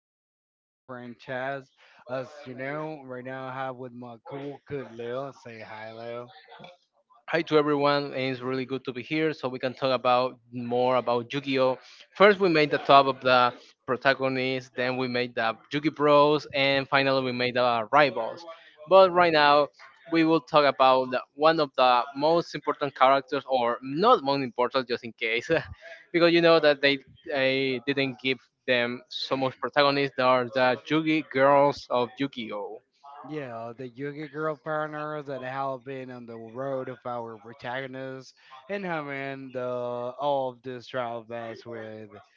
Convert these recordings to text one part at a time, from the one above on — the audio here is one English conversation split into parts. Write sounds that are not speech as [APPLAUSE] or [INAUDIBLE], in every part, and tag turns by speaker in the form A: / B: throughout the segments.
A: of the Yu-Gi-Oh franchise. As you know, right now I have with my cool kid Leo. Say hi, Leo.
B: Hi to everyone, and it's really good to be here so we can talk about more about Yu-Gi-Oh. First we made the top of the protagonists, then we made the Yu-Gi Bros, and finally we made the rivals. But right now we will talk about one of the most important characters, or not most important, just in case, [LAUGHS] because you know that they didn't give them so much protagonist. They are the Yugi girls of Yu-Gi-Oh.
A: Yeah, the Yugi girl partner that have been on the road of our protagonist and having the all of this travel best with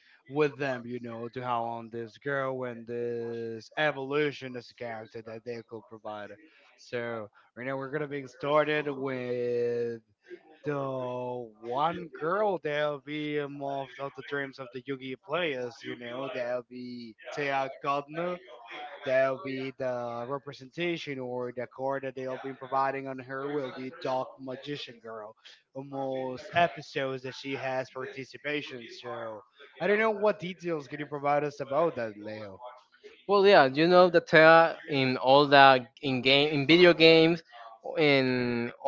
A: them, you know, to how on this girl and this evolution as a character that they could provide. So right now we're gonna be started with the one girl that'll be more of the dreams of the Yugi players, you know, that'll be Tea. That'll be the representation or the card that they'll be providing on her will be Dark Magician Girl. Almost episodes that she has participation. So I don't know what details can you provide us about that, Leo.
B: Well, yeah, you know that Terra in all the in game in video games, and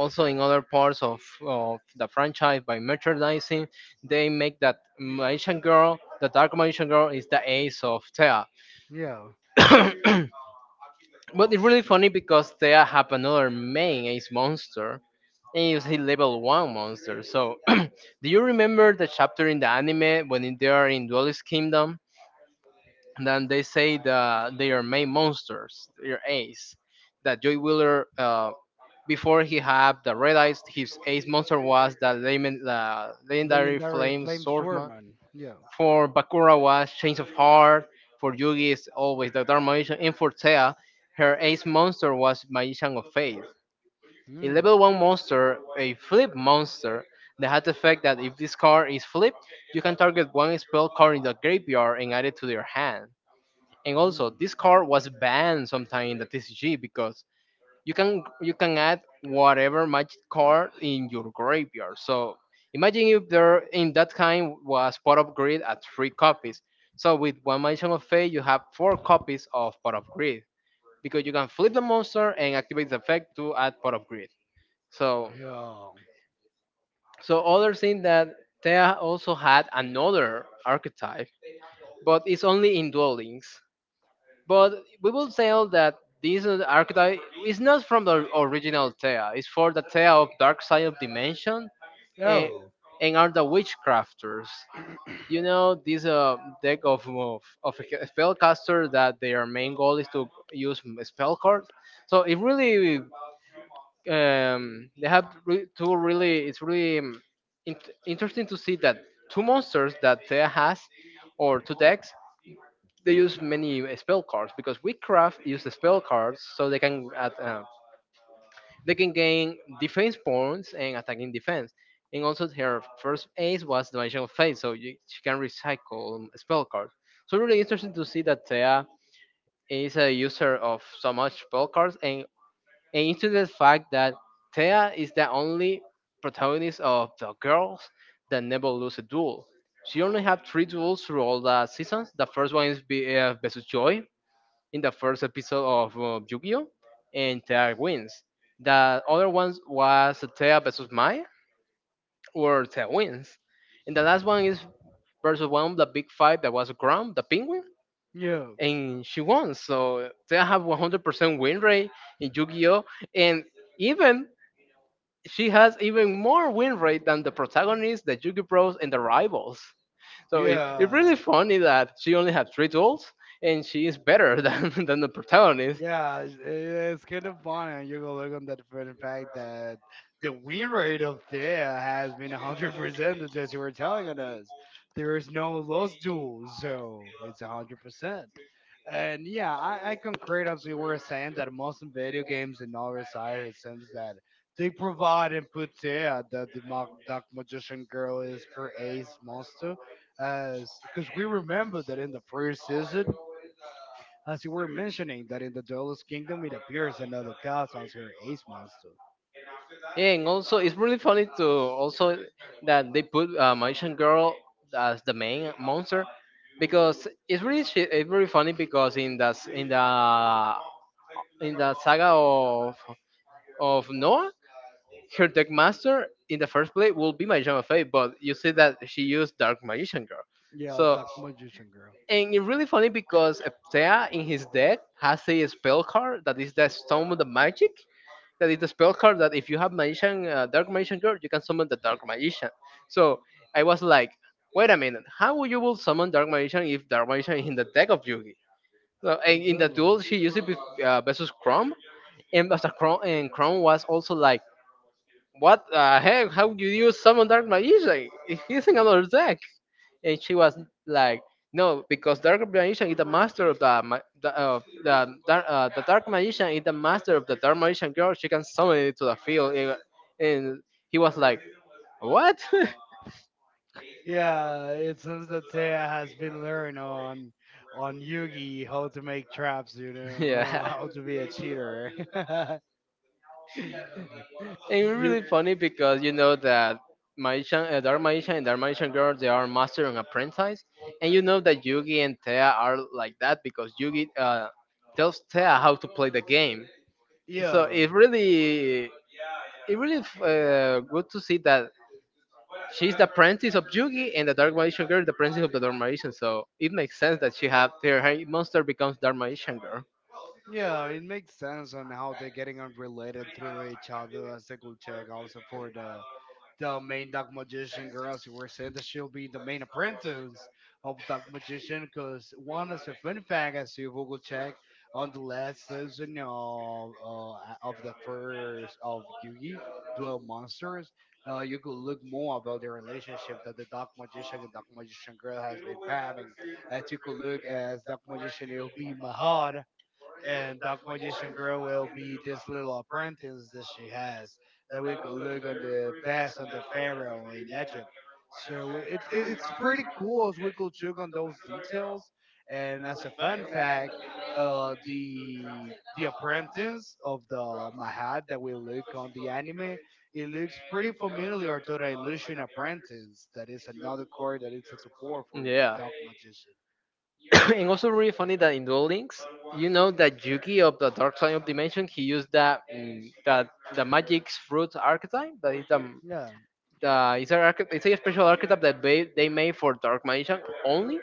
B: also in other parts of the franchise by merchandising, they make that Malaysian girl, the dark Malaysian girl, is the ace of Terra.
A: Yeah.
B: [COUGHS] But it's really funny because Terra have another main ace monster, and it's the level one monster. So, [COUGHS] [CLEARS THROAT] do you remember the chapter in the anime when they are in Duelist Kingdom? Then they say that they are main monsters, their ace. That Joey Wheeler, before he had the realized his ace monster was the legendary Flame
A: Legendary Flame
B: Swordsman.
A: Swordman. Yeah.
B: For Bakura was Change of Heart. For Yugi is always the Dark Magician. And for Tea, her ace monster was Magician of Faith. A level
A: Hmm.
B: 1 monster, a flip monster, that had the effect that if this card is flipped, you can target one spell card in the graveyard and add it to your hand. And also,
A: Hmm.
B: this card was banned sometime in the TCG because you can add whatever magic card in your graveyard. So imagine if there in that time was Pot of Greed at three copies. So with one Mansion of Fate, you have four copies of Pot of Greed because you can flip the monster and activate the effect to add Pot of Greed. So
A: Yeah.
B: so other thing that Thea also had another archetype, but it's only in Duel Links. But we will say that this archetype is not from the original Thea. It's for the Thea of Dark Side of Dimension and,
A: Oh.
B: and are the witchcrafters. You know, this deck of spellcaster that their main goal is to use spell cards. So it really, they have two really, it's really int interesting to see that two monsters that Thea has or two decks they use many spell cards because Witchcraft use the spell cards so they can add, they can gain defense points and attacking defense. And also her first ace was Dimension of Fate, so you, she can recycle spell cards. So really interesting to see that Thea is a user of so much spell cards and into the fact that Thea is the only protagonist of the girls that never lose a duel. She only had three duels through all the seasons. The first one is versus Joy, in the first episode of Yu-Gi-Oh! And Tea wins. The other ones was Tea versus Mai where Tea wins. And the last one is versus one of the big five that was Grom, the penguin.
A: Yeah.
B: And she won. So Tea have 100% win rate in Yu-Gi-Oh! And even she has even more win rate than the protagonists, the Yu-Gi Bros, and the rivals. So yeah, it's really
A: Yeah.
B: funny that she only had three duels and she is better [LAUGHS] than the protagonist.
A: Yeah, it's kind of funny. And you go look on that for the fact that the win rate of there has been 100%, that's just you were telling on us. There is no lost duel, so it's 100%. And yeah, I concur as we were saying that most in video games and other side, it seems that they provide and put there that the Dark Magician Girl is her ace monster. As Because we remember that in the first season, as you were mentioning that in the Duelist Kingdom it appears another god as her ace monster.
B: Yeah, and also it's really funny to also that they put Magician Girl as the main monster because it's really it's really funny because in in the saga of Noah, her deck master in the first play will be Magician of Fate, but you see that she used Dark Magician Girl.
A: Yeah,
B: So
A: Dark Magician Girl.
B: and it's really funny because Eptea in his deck has a spell card that is the Stone of the Magic, that is the spell card that if you have magician dark magician girl you can summon the dark magician. So I was like, wait a minute, how you will summon dark magician if dark magician is in the deck of Yugi? So and in the duel
A: Really?
B: she used it with, versus chrome, and after chrome and chrome was also like, what the heck, how do you summon dark magician? He's in another deck. And she was like, "No, because dark magician is the master of the ma- the dark magician is the master of the dark magician girl. She can summon it to the field." And he was like, "What?"
A: Yeah, it seems that Taya has been learning on Yugi how to make traps, you
B: [LAUGHS]
A: know, [LAUGHS]
B: Yeah.
A: how to be a cheater. [LAUGHS]
B: It's really
A: you
B: funny because you know that Dark Magician and Dark Magician Girl, they are master and apprentice, and you know that Yugi and Thea are like that because Yugi tells Thea how to play the game. So
A: yeah.
B: it really good to see that she's the apprentice of Yugi and the Dark Magician Girl, the apprentice of the Dark Magician. So it makes sense that she have her monster becomes Dark Magician Girl.
A: Yeah, it makes sense on how they're getting unrelated through each other as they could check also for the main dark magician girls you were saying that she'll be the main apprentice of dark magician because one is a fun fact as you will check on the last season of the first of Yugi Duel Monsters you could look more about the relationship that the dark magician and dark magician girl has been having as you could look as dark magician it'll be Mahad and Dark Magician Girl will be this little apprentice that she has that we could look on the past on the pharaoh in Egypt. So it's pretty cool as we could check on those details. And as a fun fact, the apprentice of the Mahat that we look on the anime, it looks pretty familiar to the Illusion Apprentice. That is another card that is a support for
B: Yeah.
A: Dark Magician.
B: [COUGHS] And also really funny that in Duel Links, you know that Yugi of the Dark Side of Dimension, he used that the magic's fruit archetype. That is the it's, a archety- it's a special archetype that they made for Dark Magician only,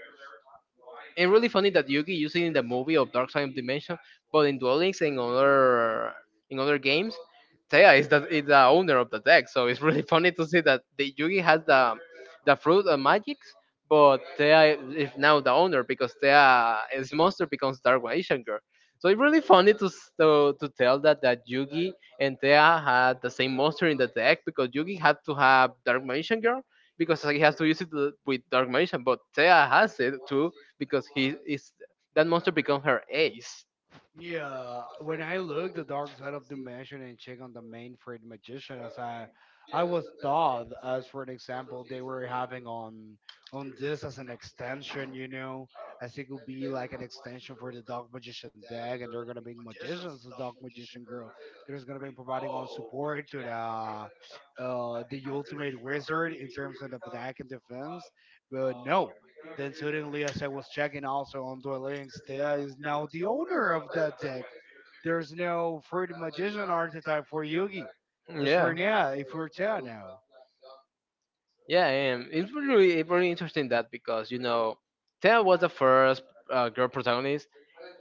B: and really funny that Yugi used it in the movie of Dark Side of Dimension, but in Duel Links and other in other games, Taya is the owner of the deck. So it's really [LAUGHS] funny to see that the Yugi has the fruit of magics, but Taya is now the owner because Taya is monster becomes Dark Asian girl. So it's really funny to tell that that Yugi and Taya had the same monster in the deck because Yugi had to have Dark Magician Girl because he has to use it with Dark Magician, but Taya has it too because he is that monster becomes her ace.
A: Yeah, when I look the dark side of Dimension and check on the main Fred magician, I was taught as for an example they were having on this as an extension, you know, as it could be like an extension for the dark magician deck, and they're gonna be magicians, the dark magician girl. There's gonna be providing on support to the ultimate wizard in terms of the attack and defense, but no. Then suddenly, as I was checking also on Duel Links, Thea is now the owner of that deck. There's no Fruit Magician archetype for Yugi. It's
B: Yeah.
A: for Nia, for Thea now.
B: Yeah, and it's really really interesting that because you know, Tia was the first girl protagonist,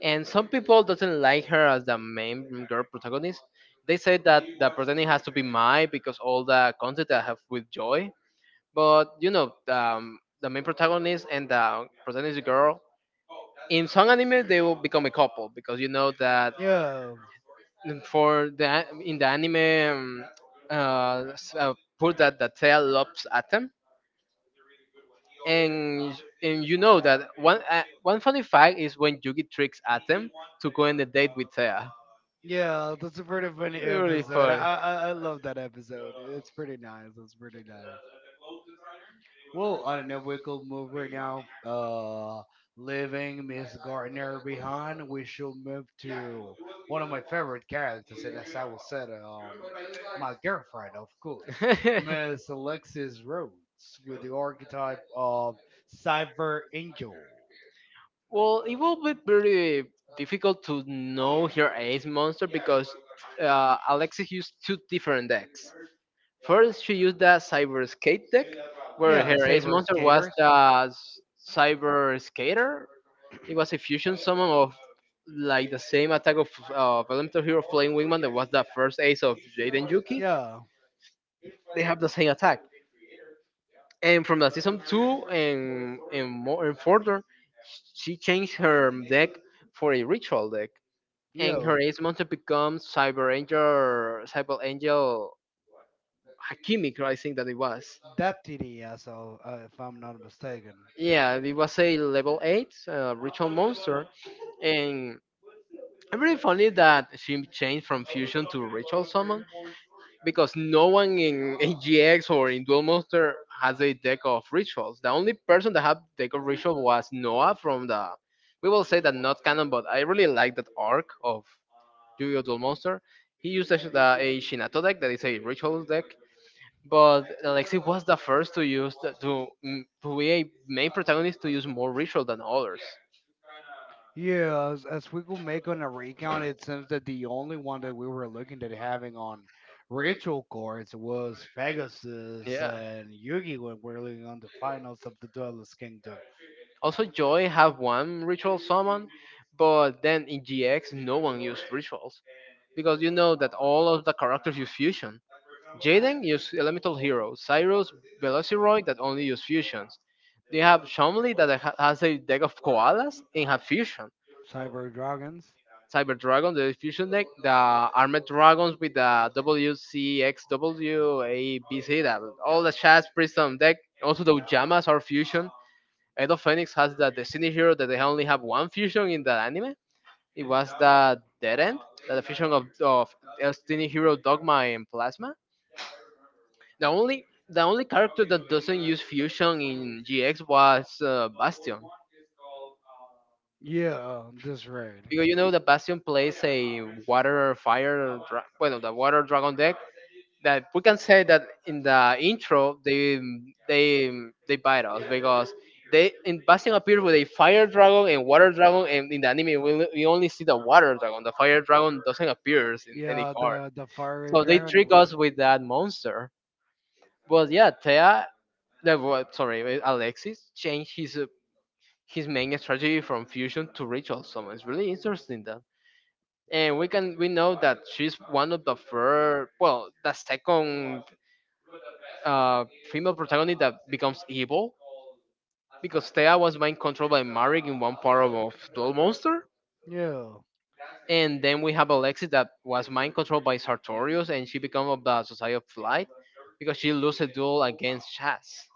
B: and some people doesn't like her as the main girl protagonist. They say that the protagonist has to be Mai because all the content that I have with Joy. But you know, the main protagonist and the protagonist girl in some anime they will become a couple because you know that.
A: Yeah.
B: And for in the anime um, uh, s- uh, put that the tail lobs at them and you know that one funny fact is when Yugi tricks Atem to go on a date with Thea.
A: Yeah, that's a pretty funny
B: Really
A: episode.
B: funny.
A: I love that episode. It's pretty nice. It's pretty nice. Well, I don't know. We could move right now, leaving Miss Gardner behind, we should move to one of my favorite characters, and as I will said, my girlfriend, of course, Miss Alexis
B: [LAUGHS]
A: Rhodes, with the archetype of Cyber Angel.
B: Well, it will be very difficult to know her ace monster because Alexis used two different decks. First, she used the Cyber Skate deck, where
A: Yeah,
B: her ace
A: Cyber
B: monster was
A: Skaters.
B: Cyber Skater. It was a fusion summon of like the same attack of Elemental Hero Flying Wingman that was the first ace of Jaden Yuki.
A: Yeah,
B: They have the same attack. And from the season two and more and further, she changed her deck for a ritual deck
A: yeah.
B: encouragement to become Cyber Angel Hakimi, I think that it was.
A: Deputy as of, if I'm not mistaken.
B: Yeah, it was a level 8 ritual monster. And it's really funny that she changed from fusion to ritual summon because no one in GX or in Duel Monster has a deck of rituals. The only person that had deck of ritual was Noah from the. We will say that not canon, but I really like that arc of Yu-Gi-Oh! Duel Monster. He used a Shinato deck that is a ritual deck, but Alexei was the first to use to be a main protagonist to use more ritual than others.
A: Yeah, as we could make on a recount, it seems that the only one that we were looking at having on ritual cards was Pegasus
B: Yeah.
A: and Yugi when we're looking on the finals of the Duelist Kingdom.
B: Also, Joy have one ritual summon, but then in GX no one used rituals, because you know that all of the characters use fusion. Jaden uses elemental heroes, Cyrus, Velociroid that only use fusions. They have Chomly that has a deck of koalas and have fusion.
A: Cyber Dragons?
B: Cyber Dragon, the fusion deck, the Armored Dragons with the WCXWABC, that all the Shaz Prism deck, also the Ujamas are fusion. Edo Phoenix has the Destiny Hero that they only have one fusion in the anime. It was the Dead End, the fusion of Destiny Hero Dogma and Plasma. The only character that doesn't use fusion in GX was Bastion.
A: Yeah, this raid.
B: Because you know the Bastion plays a water fire, dra- bueno, the water dragon deck that we can say that in the intro they they bite us because they in Bastion appears with a fire dragon and water dragon and in the anime we only see the water dragon. The fire dragon doesn't appear in any
A: Yeah,
B: card.
A: the fiery
B: So they trick
A: dragon. Wa-
B: us with that monster. But yeah, Thea, sorry, Alexis changed his main strategy from fusion to ritual summon. It's really interesting and we know that she's one of the first, well, the second uh, female protagonist that becomes evil because Thea was mind controlled by Marik in one part of Duel Monster,
A: Yeah,
B: and then we have Alexis that was mind controlled by Sartorius, and she becomes of the Society of Light because she loses a duel against Chas.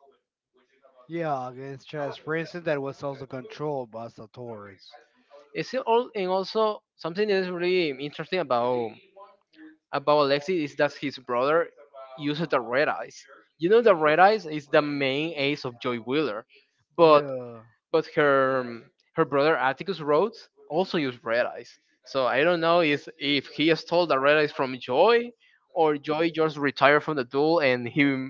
A: yeah, against Chess For instance that was also controlled by Satoris.
B: It's still all, and also something that is really interesting about Alexi is that his brother uses the red eyes. You know, the red eyes is the main ace of Joy Wheeler, but
A: Yeah.
B: but her her brother Atticus Rhodes also used red eyes. So I don't know if he stole the red eyes from Joy, or Joy just retired from the duel and he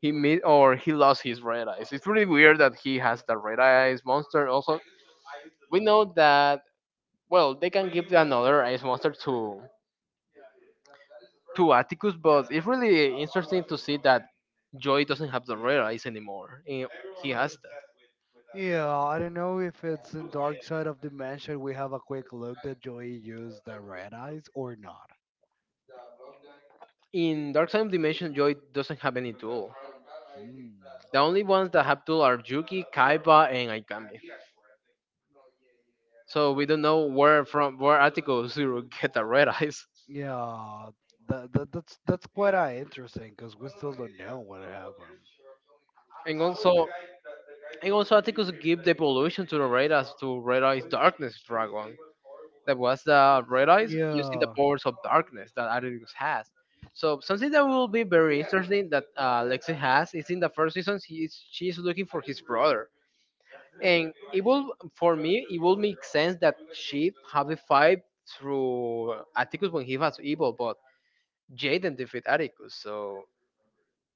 B: he made, or he lost his red eyes. It's really weird that he has the red eyes monster. Also, we know that, well, they can give another ice monster to Atticus, but it's really interesting to see that Joy doesn't have the rare ice anymore. He has that.
A: Yeah, I don't know if it's in Dark Side of Dimension we have a quick look that Joey used the red eyes or not.
B: In Dark Side Dimension, Joy doesn't have any tool.
A: Mm.
B: The only ones that have tool are Yuki, Kaiba, and Aikami. So we don't know where from where Atticus [LAUGHS] Zero get the red eyes.
A: Yeah, that's quite interesting because we still don't know what happened.
B: And also, and also, Atticus gave the evolution to the Red Eyes, to Red Eyes Darkness Dragon. That was the Red Eyes using the
A: Yeah,
B: powers of darkness that Atticus has. So something that will be very interesting that Lexi has is, in the first season she is looking for his brother, and it will for me it will make sense that she have the fight through Atticus when he was evil, but Jaden defeat Atticus, so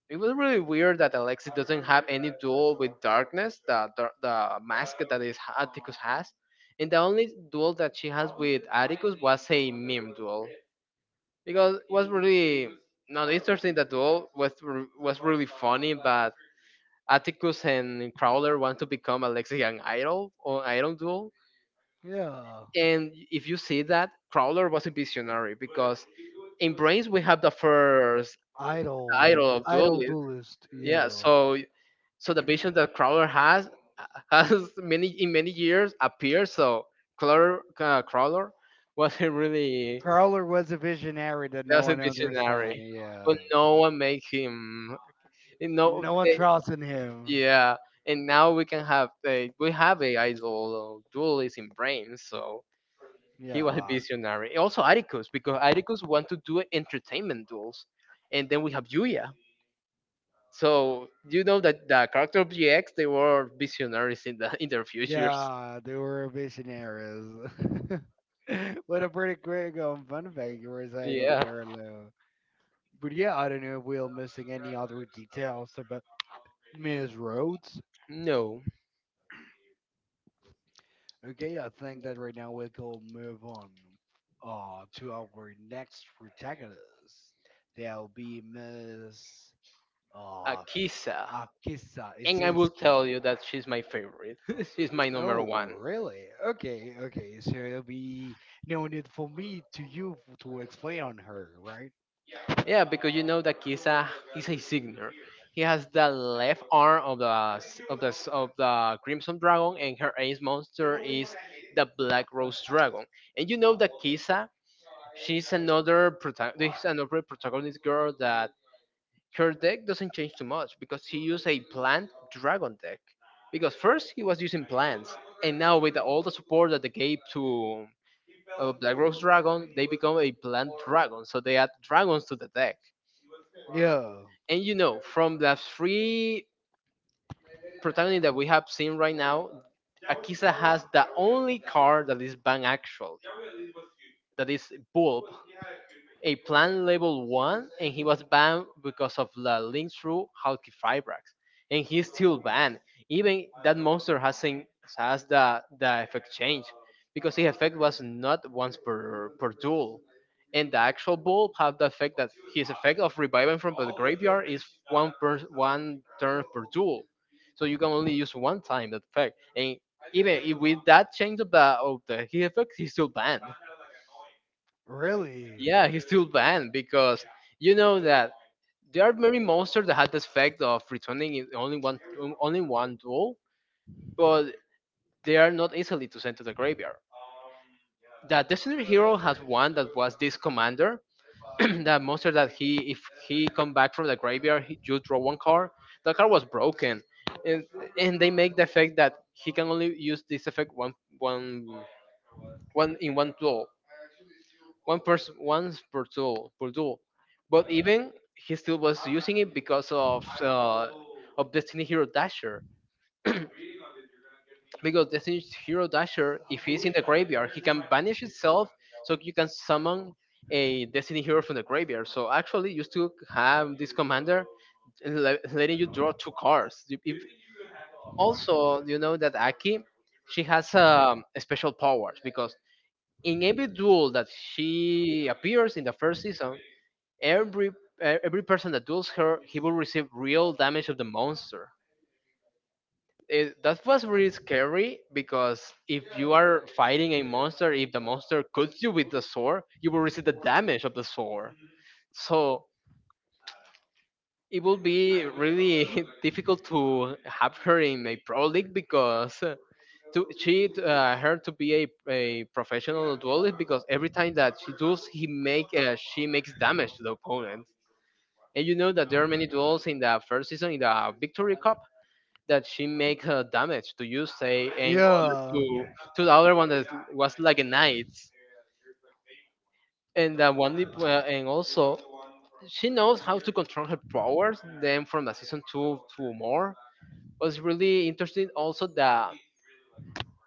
B: it was really weird that Alexis doesn't have any duel with Darkness, the mask that is Atticus has, and the only duel that she has with Atticus was a meme duel because it was really not interesting. The duel was really funny, but Atticus and Crowler want to become Alexis an Idol, or Idol duel,
A: yeah.
B: and if you see that Crowler was a visionary, because in Brains we have the first
A: Idol,
B: idol of
A: idol
B: duelists.
A: duelist.
B: Yeah,
A: Yeah,
B: so the vision that Crowler has [LAUGHS] has many, in many years appeared. So Crowler, wasn't really
A: Carler was a visionary that no
B: was a
A: one understands.
B: visionary, but
A: Yeah,
B: no one made him. And no,
A: no one
B: they,
A: trusts in him.
B: yeah. And now we can have a we have a idol duelist in brain. So he was a
A: Yeah.
B: visionary. Also Atticus, because Atticus want to do entertainment duels, and then we have Yuya. So you know that the character of GX, they were visionaries in their futures.
A: Yeah, they were visionaries. [LAUGHS] What a pretty quick fun fact you were saying on
B: Yeah.
A: Derlo. But yeah, I don't know if we're missing any other details about Miss Rhodes.
B: No.
A: Okay, I think that right now we can move on to our next protagonist. That'll be Miss uh,
B: Akisa.
A: Akisa
B: And I will tell you
A: Isinski.
B: that she's my favorite. [LAUGHS] She's my number
A: Oh,
B: one.
A: really? Okay, okay. So it'll be no need for me to to explain on her, right?
B: Yeah, because you know that Kisa is a signer. He has the left arm of the Crimson Dragon, and her ace monster is the Black Rose Dragon. And you know that Kisa, she's another protagonist, girl, that her deck doesn't change too much because he used a plant dragon deck. Because first he was using plants, and now with all the support that they gave to Black Rose Dragon, they become a plant dragon, so they add dragons to the deck.
A: Yeah,
B: And you know, from the three protagonist that we have seen right now, Akisa has the only card that is banned actually, that is Bulb, a plant level 1, and he was banned because of the link through Halkifibrax. And he's still banned. Even that monster hasn't has the effect change, because the effect was not once per duel. And the actual Bulb have the effect that his effect of reviving from the graveyard is one turn per duel, so you can only use one time that effect, and even if with that change of the heat effect, he's still banned.
A: really.
B: Yeah, he's still banned because you know that there are many monsters that had this effect of returning in only one duel, but they are not easily to send to the graveyard. The Destiny Hero has one that was this commander, [CLEARS THROAT] that monster that, he if he come back from the graveyard, he you draw one card, the card was broken, and and they make the effect that he can only use this effect one one one in one duel, one person once per duel, but even he still was using it because of destiny hero dasher, [CLEARS THROAT] because the Singe Hero Dasher, if he's in the graveyard, he can banish itself, so you can summon a Destiny Hero from the graveyard. So actually, you still have this commander letting you draw two cards. If, also, you know that Aki, she has special powers because, in every duel that she appears in the first season, every e- every person that duels her, he will receive real damage of the monster, that was really scary, because if you are fighting a monster, if the monster cuts you with the sword, you will receive the damage of the sword. So it will be really [LAUGHS] difficult to have her in a pro league because, to she her to be a professional duelist, because every time that she duels, he make she makes damage to the opponent. And you know that there are many duels in the first season in the Victory Cup, that she make damage to, you say, in order
A: Yeah,
B: to the other one that was like a knight, and that one, and also she knows how to control her powers. Then from the season two to more was really interesting. Also the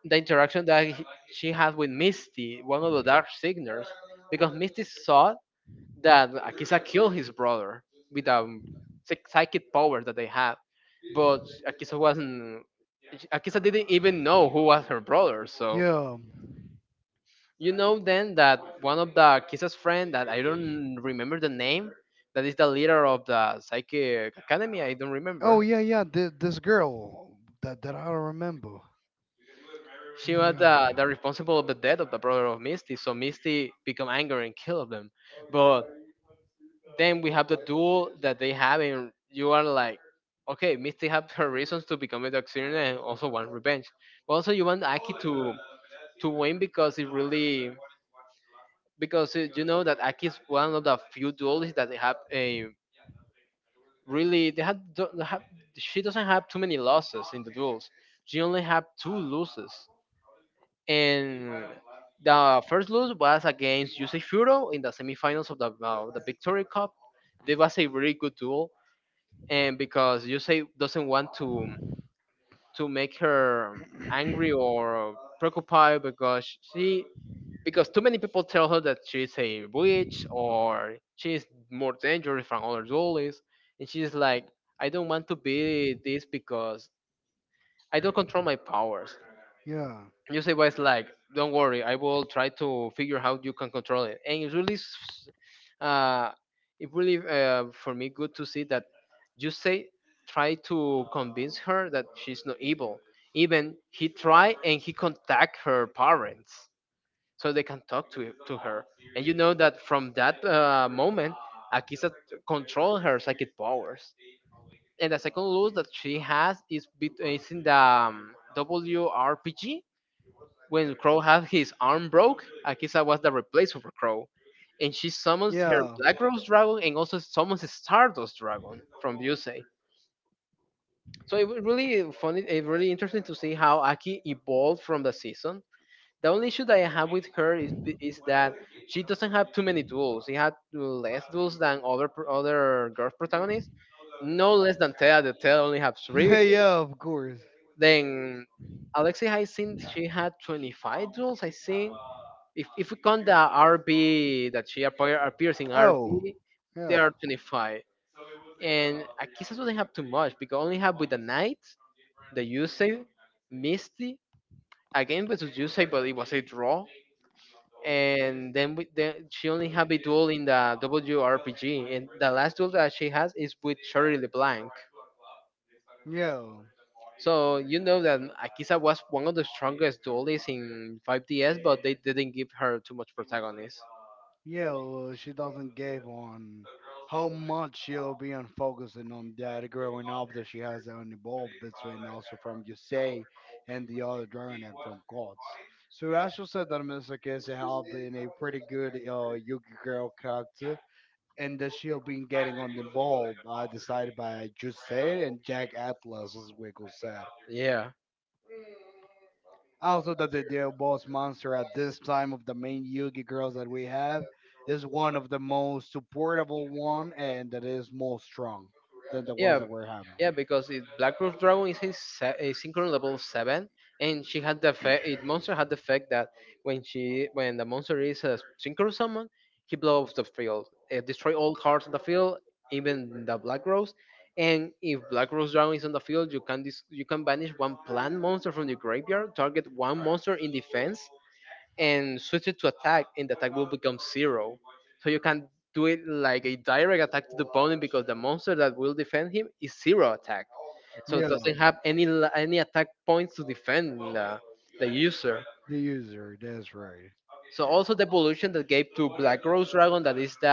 B: the interaction that she had with Misty, one of the Dark Signers, because Misty saw that Akisa killed his brother with a psychic power that they have, but Akisa wasn't. Akisa didn't even know who was her brother, so
A: yeah.
B: you know then, that one of the Akisa's friend, that I don't remember the name, that is the leader of the psychic academy. I don't remember.
A: Oh, yeah, yeah. This girl that I don't remember.
B: She
A: Yeah,
B: was
A: yeah,
B: the responsible of the death of the brother of Misty, so Misty become angry and kill them. But then we have the duel that they have, and you are like, okay, Misty have her reasons to become a Darkseid and also want revenge. But also you want Aki to win, because it really because you know that Aki is one of the few duelists that they have a really they had don't have she doesn't have too many losses in the duels, she only had two losses. And the first lose was against Yusei Furo in the semifinals of the the Victory Cup. It was a really good duel, and because Yusei doesn't want to make her angry or preoccupied, because too many people tell her that she's a witch, or she's more dangerous from other duelists, and she's like, I don't want to be this because I don't control my powers.
A: yeah,
B: You Yusei was like, "Don't worry, I will try to figure how you can control it." And uh, it really for me good to see that, you say, try to convince her that she's not evil. Even he try, and he contact her parents so they can talk to her. And you know that, from that moment, Akisa control her psychic powers. And the second loot that she has is in the WRPG, when Crow had his arm broke, Akisa was the replacement for Crow. And she summons her
A: yeah,
B: Black Rose Dragon and also summons Stardust Dragon from Yusei. So it was really funny, it really interesting to see how Aki evolved from the season. The only issue that I have with her is that she doesn't have too many duels. She had less duels than other girl protagonists, no less than Tea. The Tea only have
A: [LAUGHS]
B: three.
A: yeah. Of course.
B: Then Alexi, I think she had 25 duels, I think. If we count the RB that she appears in
A: Oh,
B: RB, they
A: yeah,
B: are 25. And Akisa doesn't have too much because only have with the Knight, the Yusei, Misty, again versus Yusei, but it was a draw. And then, she only have a duel in the WRPG, and the last duel that she has is with Shirley LeBlanc.
A: yeah.
B: So you know that Akisa was one of the strongest duelists in 5DS, but they didn't give her too much protagonist.
A: Yeah, well, she doesn't give on how much she'll be on focusing on that growing up that she has an involved between also from Yusei and the other dragon egg from Gods. So Asher said that Mr. Casey has been a pretty good Yuki girl character and that she'll be getting on the ball decided by Yusei and Jack Atlas as Wiggle said.
B: Yeah.
A: Also, that the Deal Boss monster at this time of the main Yugi girls that we have is one of the most supportable one and that is more strong than the ones
B: Yeah,
A: that we're having.
B: yeah, because Black Rose Dragon is a synchro level seven, and she had the effect. It monster had the effect that when the monster is a synchro summon, he blows up the field, destroy all cards on the field, even the Black Rose. And if Black Rose Dragon is on the field, you can banish one plant monster from the graveyard, target one monster in defense, and switch it to attack, and the attack will become zero. So you can do it like a direct attack to the opponent because the monster that will defend him is zero attack, so it
A: Yeah,
B: doesn't have any attack points to defend the user.
A: the user, that's right.
B: So also the evolution that gave to Black Rose Dragon, that is the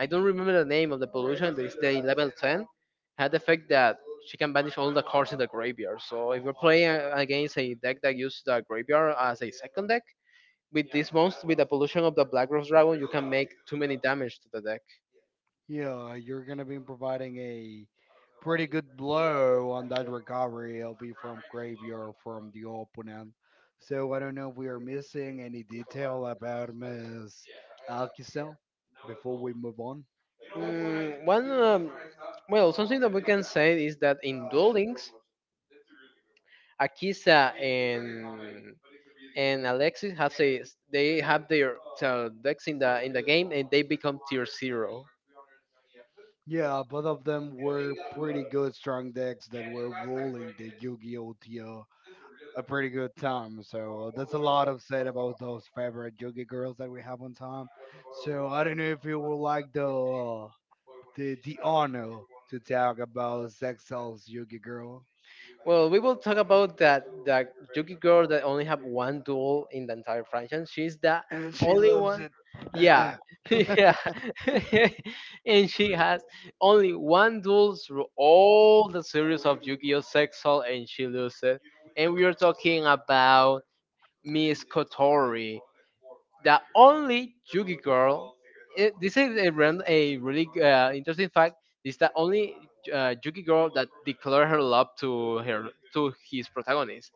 B: I don't remember the name of the evolution, that is the level 10, had the fact that she can banish all the cards in the graveyard. So if you're playing against a deck that uses the graveyard as a second deck, with this monster, with the pollution of the Black Rose Dragon, you can make too many damage to the deck.
A: Yeah, you're gonna be providing a pretty good blow on that recovery. It'll be from graveyard from the opponent. So I don't know if we are missing any detail about Miss Alkisel before we move on.
B: Mm, one, um, well, something that we can say is that in duel links, Akisa and Alexis have a, they have their decks in the game, and they become tier zero.
A: Yeah, both of them were pretty good strong decks that were rolling the Yu-Gi-Oh! TO a pretty good time. So that's a lot of said about those favorite Yu-Gi girls that we have on time. So I don't know if you would like the the honor to talk about Sexcel's Yu-Gi girl.
B: Well, we will talk about that Yuki girl that only have one duel in the entire franchise. She's the
A: And she
B: only
A: loves
B: one,
A: it.
B: yeah.
A: [CLEARS THROAT]
B: [LAUGHS] Yeah. [LAUGHS] And she has only one duel through all the series of Yu-Gi-Oh Sexual, and she loses, and we are talking about Miss Kotori, the only Yugi girl. This is a, a really interesting fact. Is the only Yugi girl that declared her love to his protagonist,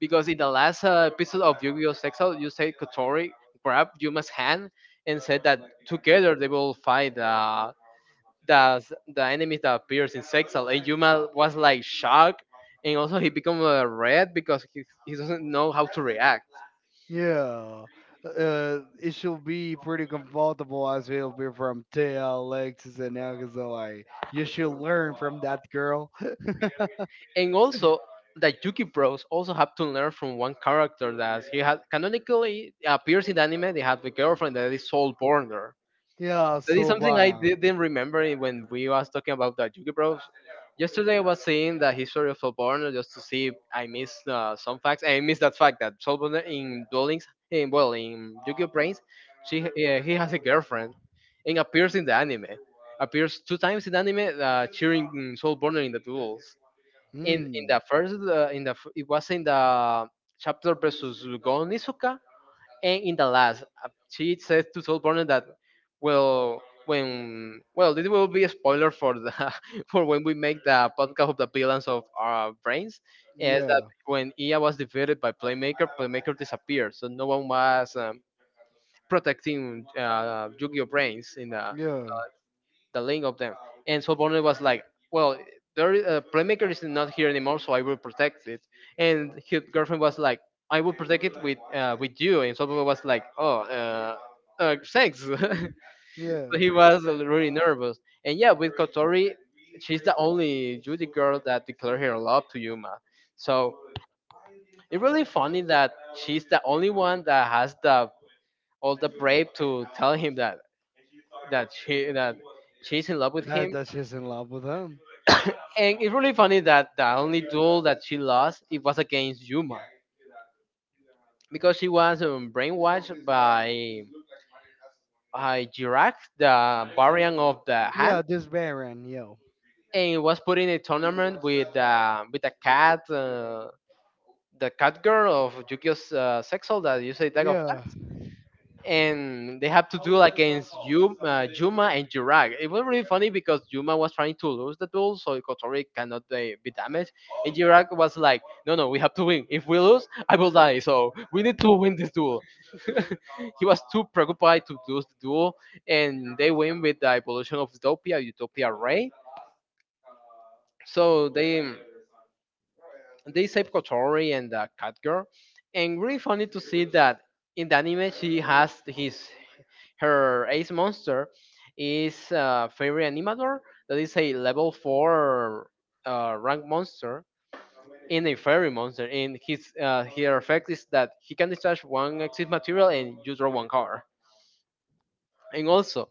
B: because in the last episode of Yu-Gi-Oh! Sexo, you say Kotori grabbed Yuma's hand and said that together they will fight the the enemy that appears in Sexal, and Yuma was like shocked, and also he became red because he doesn't know how to react.
A: Yeah, it should be pretty comfortable as it'll be from Thea, Alexis, and Agatha. Like, you should learn from that girl. [LAUGHS]
B: And also that Yuki Bros also have to learn from one character that he had canonically appears in the anime. They have the girlfriend that is Soul Burner.
A: Yeah,
B: That is something
A: Sobana.
B: didn't remember it when we was talking about the Yuki Bros. Yesterday I was seeing the history of Soul Burner just to see if I missed some facts. I missed that fact that Soul Burner in Dwellings, in, well, in Yuki Brains, she he has a girlfriend and appears in the anime. Appears two times in the anime, cheering Soul Burner in the duels in
A: Mm,
B: the first in the f- it was in the chapter versus Gon Izuka, and in the last, she says to Soul Burner that well, when, well, this will be a spoiler for the [LAUGHS] for when we make the podcast of the villains of our brains, is that
A: yeah,
B: when Ia was defeated by Playmaker, Playmaker disappeared, so no one was protecting Yu-Gi-Oh brains in
A: yeah,
B: the link of them. And so Bonner was like, well, there is, playmaker is not here anymore, so I will protect it. And his girlfriend was like, I will protect it with you. And so Bonner was like, oh, thanks. [LAUGHS] So
A: yeah.
B: he was really nervous. And yeah, with Kotori, she's the only Judy girl that declared her love to Yuma. So it's really funny that she's the only one that has the all the brave to tell him that that she that she's in love with
A: That
B: him.
A: that she's in love with him.
B: [COUGHS] And it's really funny that the only duel that she lost it was against Yuma because she was brainwashed by Jirak, the variant of the hand.
A: Yeah, this Baron, yo.
B: And was put in a tournament with a cat, the cat girl of Yukio's sexual, that you say Tag of
A: Yeah,
B: Cat, and they have to do like, against Yuma, Yuma and Jurag. It was really funny because Yuma was trying to lose the duel, so Kotori cannot be damaged, and Jurag was like, "No, no, we have to win. If we lose, I will die. So we need to win this duel." [LAUGHS] He was too preoccupied to lose the duel, and they win with the evolution of Utopia, Utopia Ray. So they. They save Kotori and the cat, and really funny to see that in the anime she has his her ace monster is fairy animator, that is a level four rank monster in a fairy monster, and his her effect is that he can discharge one exit material and you draw one card. And also,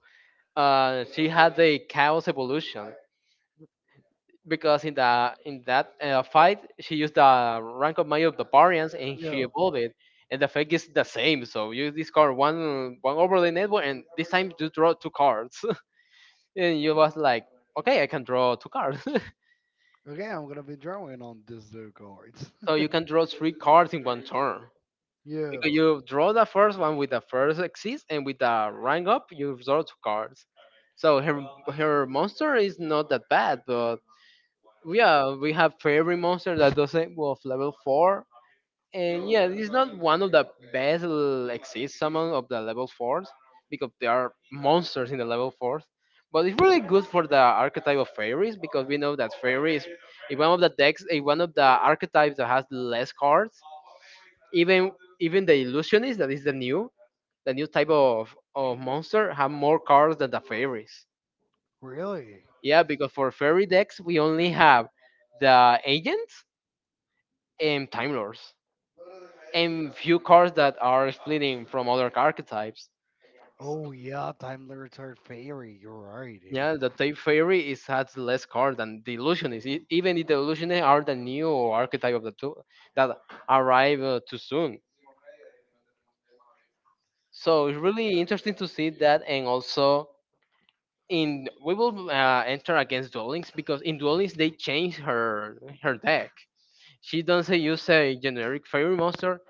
B: she had a chaos evolution because in the in that fight she used the rank of Maya of the Parians and she
A: yeah.
B: evolved it, and the effect is the same. So you discard one overlay network, and this time you draw two cards. [LAUGHS] And you was like, okay, I can draw two cards.
A: Okay, I'm gonna be drawing on these two cards.
B: [LAUGHS] So
A: [LAUGHS]
B: you can draw three cards in one turn.
A: yeah,
B: Because you draw the first one with the first exist, and with the rank up, you draw two cards. So her her monster is not that bad, but yeah, we have fairy monster that doesn't well of level four. And yeah, it's not one of the exist summon of the level fours because there are monsters in the level fours. But it's really good for the archetype of fairies because we know that fairies is one of the decks, is one of the archetypes that has less cards. Even even the illusionist, that is the new type of monster, have more cards than the fairies.
A: really?
B: Yeah, because for fairy decks we only have the agents and time lords, and few cards that are splitting from other archetypes.
A: Oh yeah, Daimler retired Ferry. You're right. Yeah.
B: Yeah, the Tape Fairy is has less card than the Illusionist. Even the Illusionists are the new archetype of the two that arrive too soon. So it's really interesting to see that, and also in we will enter against Duel Links because in Duel Links they change her her deck. She doesn't use a generic fairy monster.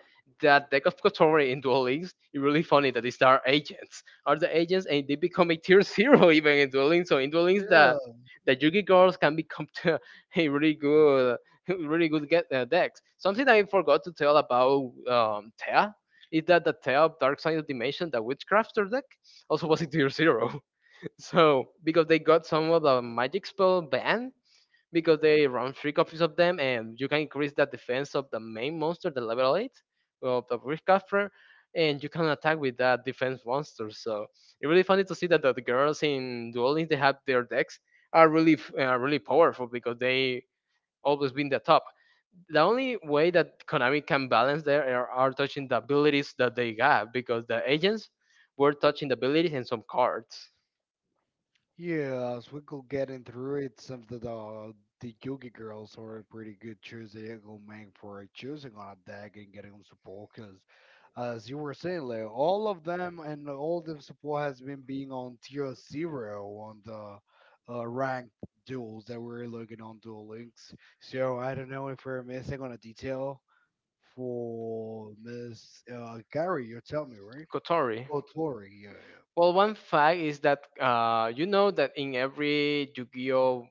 B: That deck of Kotori in Duel Links is really funny that these are agents. Are the agents and they become a tier zero [LAUGHS] even in Duel Links. So in Duel Links that the Yugi girls can become [LAUGHS] to a really good, [LAUGHS] really good get, decks. Something I forgot to tell about Thea is that the Thea of Dark Side of Dimension, the Witchcrafter deck, also was a tier zero. [LAUGHS] So because they got some of the magic spell ban because they run three copies of them, and you can increase that defense of the main monster, the level eight, of the Rift Capture, and you can attack with that defense monster. So it's really funny to see that the girls in Duel Links, they have their decks are really really powerful because they always been the top. The only way that Konami can balance there are touching the abilities that they have because the agents were touching the abilities and some cards.
A: Yeah, as we go getting through it, some of the Yugi girls are a pretty good choice. They go make for choosing on a deck and getting on support because, as you were saying, like all of them and all the support has been being on tier zero on the ranked duels that we're looking on dual links. So I don't know if we're missing on a detail for Miss Gary. You tell me, right?
B: Kotori.
A: Kotori. Yeah, yeah.
B: Well, one fact is that you know that in every Yu-Gi-Oh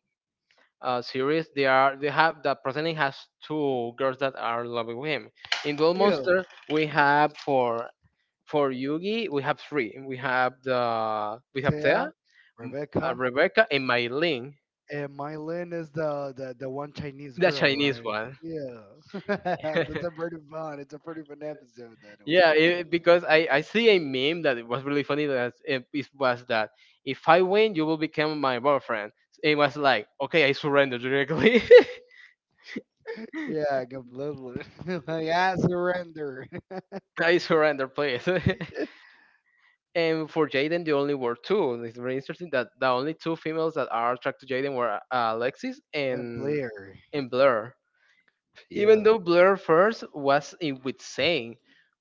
B: series, they are they have that Pretending has two girls that are in love with him. In Duel Yeah.
A: Yeah,
B: Monster, we have for Yugi, we have three. We have the we have
A: Thea,
B: Thea, m-
A: Rebecca,
B: Rebecca, and Mylin,
A: and Mylin is the one Chinese
B: the
A: girl,
B: Chinese
A: right?
B: one.
A: Yeah, [LAUGHS] that's a pretty
B: [LAUGHS]
A: fun. It's a pretty fun episode that
B: Yeah,
A: one.
B: it, because I see a meme that it was really funny that it was that if I win, you will become my boyfriend. It was like, okay, I surrender directly.
A: Yeah, completely. [LAUGHS] like I surrender. [LAUGHS]
B: [LAUGHS] I surrender, please. [LAUGHS] And for Jaden, the only were two. And it's very interesting that the only two females that are attracted to Jaden were Alexis
A: And Blair.
B: and Blair.
A: Yeah.
B: Even though Blair first was in with Zane,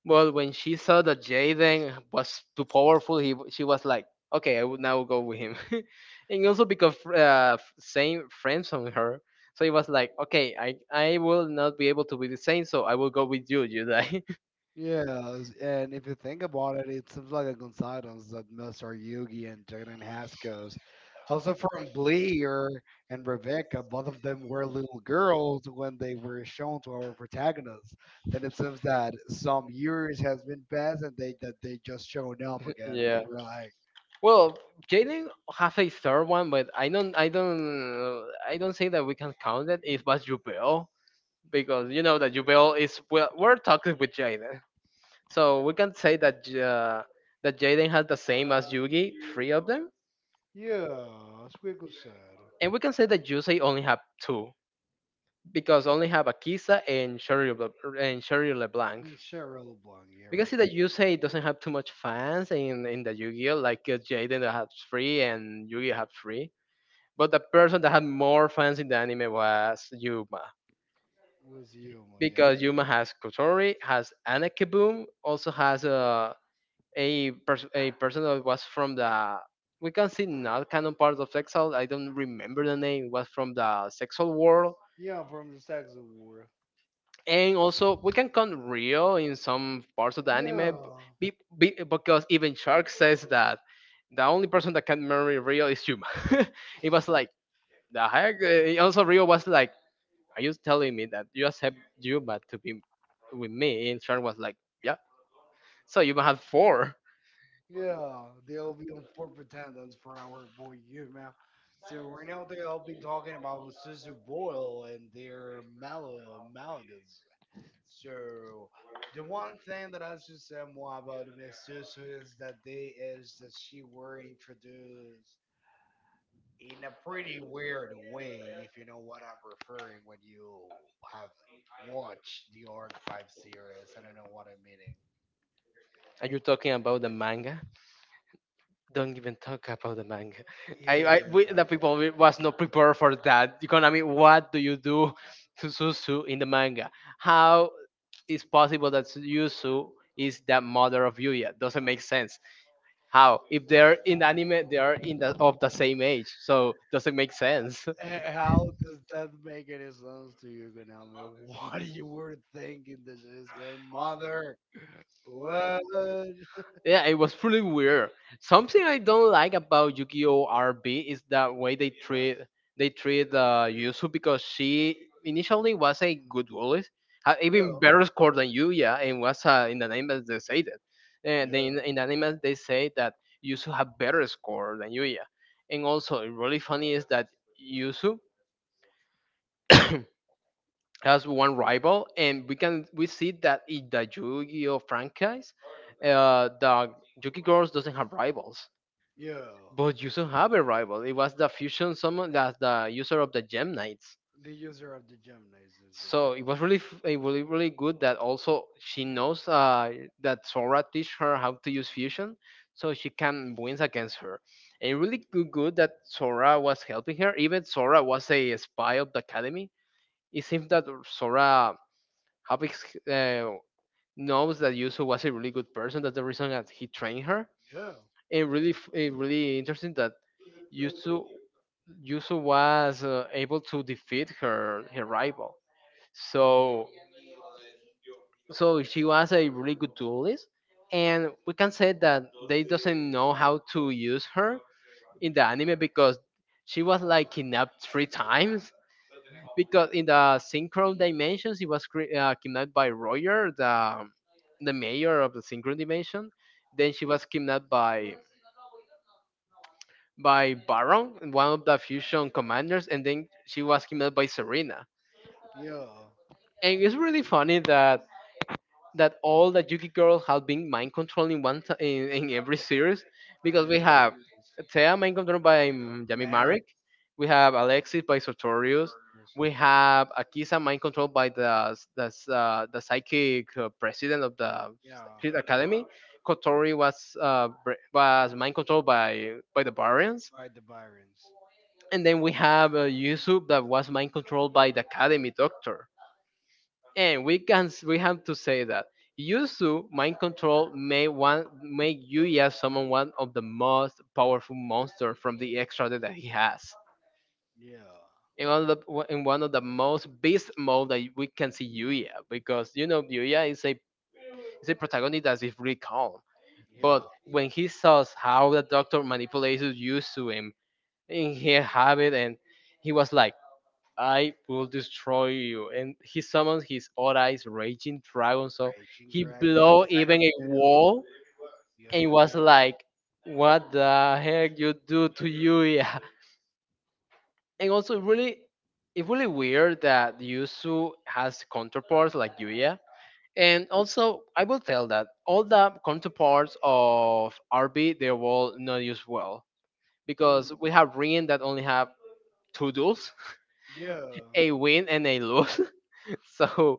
B: but when she saw that Jaden was too powerful, he she was like, okay, I will now go with him. [LAUGHS] And also because Zane friends on her, so it was like, okay, I will not be able to be the same, so I will go with you, Jedi.
A: Yeah, and if you think about it, it seems like the Gonzadons that most are Yugi and Jaden Haskos. Also from Bleer and Rebecca, both of them were little girls when they were shown to our protagonists. Then it seems that some years has been passed and they that they just shown up
B: [LAUGHS]
A: again, and you
B: Yeah.
A: were like,
B: Well, Jaden have a third one, but I don't say that we can count it. It was Jubel because you know that Jubel is well, we're talking with Jaden. So we can say that that Jaden has the same as Yugi, three of them,
A: yeah, Squiggle said.
B: and we can say that Yusei only have two because only have Akisa and and Sherry
A: Yeah,
B: LeBlanc.
A: Cheryl Blanc, yeah,
B: We can see
A: right.
B: that Yusei doesn't have too much fans in the Yu-Gi-Oh like Jaden that has three and Yugi have three. But the person that had more fans in the anime was Yuma
A: It was Yuma, yeah.
B: because Yuma has Kotori, has Anakaboom, also has a person that was from the, we can see, not canon part of Exile. I don't remember the name. It was from the sexual world,
A: Yeah, from the Sags of War.
B: and also we can count Rio in some parts of the anime,
A: Yeah.
B: b- because even Shark says that the only person that can marry Rio is Yuma. [LAUGHS] It was like the heck. Also, Rio was like, "Are you telling me that you accept Yuma to be with me?" And Shark was like, "Yeah." So Yuma had four.
A: Yeah, they'll be on four pretenders for our boy you, man. So right now they'll be talking about Susie Boyle and their Mal- Malagas. So the one thing that I should say more about Miss Susie is that she were introduced in a pretty weird way, if you know what I'm referring when you have watched the Arc 5 series. I don't know what I'm
B: Are you talking about the manga? Don't even talk about the manga. [LAUGHS] I, I
A: meaning.
B: we,
A: Yeah,
B: the people we- was not prepared for that. I mean, what do you do to Susu in the manga? How is possible that Yusu is the mother of Yuya? Doesn't make sense. How? If they're in the anime, they are in the of the same age, so doesn't make sense.
A: [LAUGHS]
B: [LAUGHS]
A: how does that make any sense to you, Gonalme? [LAUGHS] What you were thinking that she's her mother? What?
B: Yeah, it was pretty weird. Something I don't like about Yu-Gi-Oh! RB is that way they treat Yuzu because she initially was a good goalie, had
A: Yeah,
B: even better score than you, yeah, and was in the name as they say that, and then
A: yeah,
B: in the name as they say that Yuzu had better score than Yuya, and also really funny is that Yuzu has one rival, and we can we see that in the Yu-Gi-Oh franchise, the Yuki Girls doesn't have rivals.
A: yeah.
B: But you don't have a rival. It was the fusion summon that the user of the Gem Knights.
A: The user of the Gemini is
B: So
A: right.
B: it was really, f- it really, really good that also she knows that Sora teach her how to use fusion, so she can win against her. And really good that Sora was helping her. Even Sora was a spy of the academy. It seems that Sora Havix, knows that Yuzu was a really good person. That's the reason that he trained her.
A: Yeah,
B: And really, it really interesting that Yuzu Yuzu was able to defeat her rival. So so she was a really good duelist, and we can say that they doesn't know how to use her in the anime because she was like kidnapped three times. Because in the synchro dimensions she was kidnapped by Roger, the mayor of the synchro dimension. Then she was kidnapped by Baron, one of the fusion commanders, and then she was kidnapped by Serena.
A: yeah.
B: And it's really funny that all the Yuki girls have been mind controlled in one t- in every series
A: And
B: because we have
A: everything is
B: Thea mind controlled by
A: and
B: Yami
A: Eric
B: Marek, we have Alexis by Sartorius,
A: Burgers.
B: we have Akisa mind controlled by the psychic president of the
A: Yeah,
B: Secret Academy. Kotori was was mind controlled by the Barons,
A: by the Byrons.
B: and then we have Yusuf that was mind controlled by the Academy Doctor. And we have to say that Yuzu mind control may one make Yuya summon one of the most powerful monsters from the extra deck that he has.
A: Yeah,
B: In one of the most beast mode that we can see Yuya because you know Yuya is a protagonist that is really calm. But
A: yeah.
B: when he saw how the doctor manipulated Yuzu and he have it and he was like, "I will destroy you." And he summoned his Orai's raging dragon, so
A: Raging
B: he
A: Dragon. That's
B: blew
A: the title of
B: even a wall
A: the
B: and
A: video.
B: was like, "What the heck you do to Yuya?" [LAUGHS] And also really it's really weird that Yusu has counterparts like Yuya. And also I will tell that all the counterparts of RB they will not use well.
A: Yeah. Mm,
B: Because we have Rin that only have two duels, [LAUGHS]
A: yeah.
B: a win and a lose. [LAUGHS] so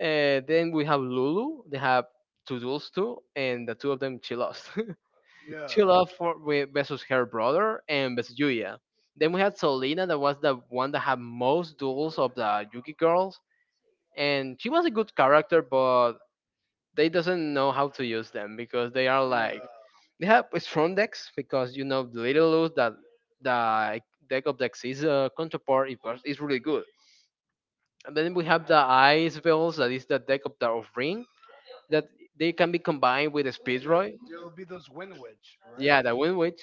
B: Then we have Lulu. They have two duels too, and the two of them she lost. [LAUGHS] She
A: Yeah.
B: lost for with versus her brother and versus Yuya. Then we had Selena, that was the one that had most duels of the Yuki girls, and she was a good character, but they doesn't know how to use them because they are like
A: Yeah.
B: they have strong decks because you know the little lose that the deck of decks is a counterpart is really good. And then we have the ice veils that is the deck of the of ring that they can be combined with a speed
A: There,
B: roy.
A: there'll be those wind witch, right?
B: Yeah, the wind witch,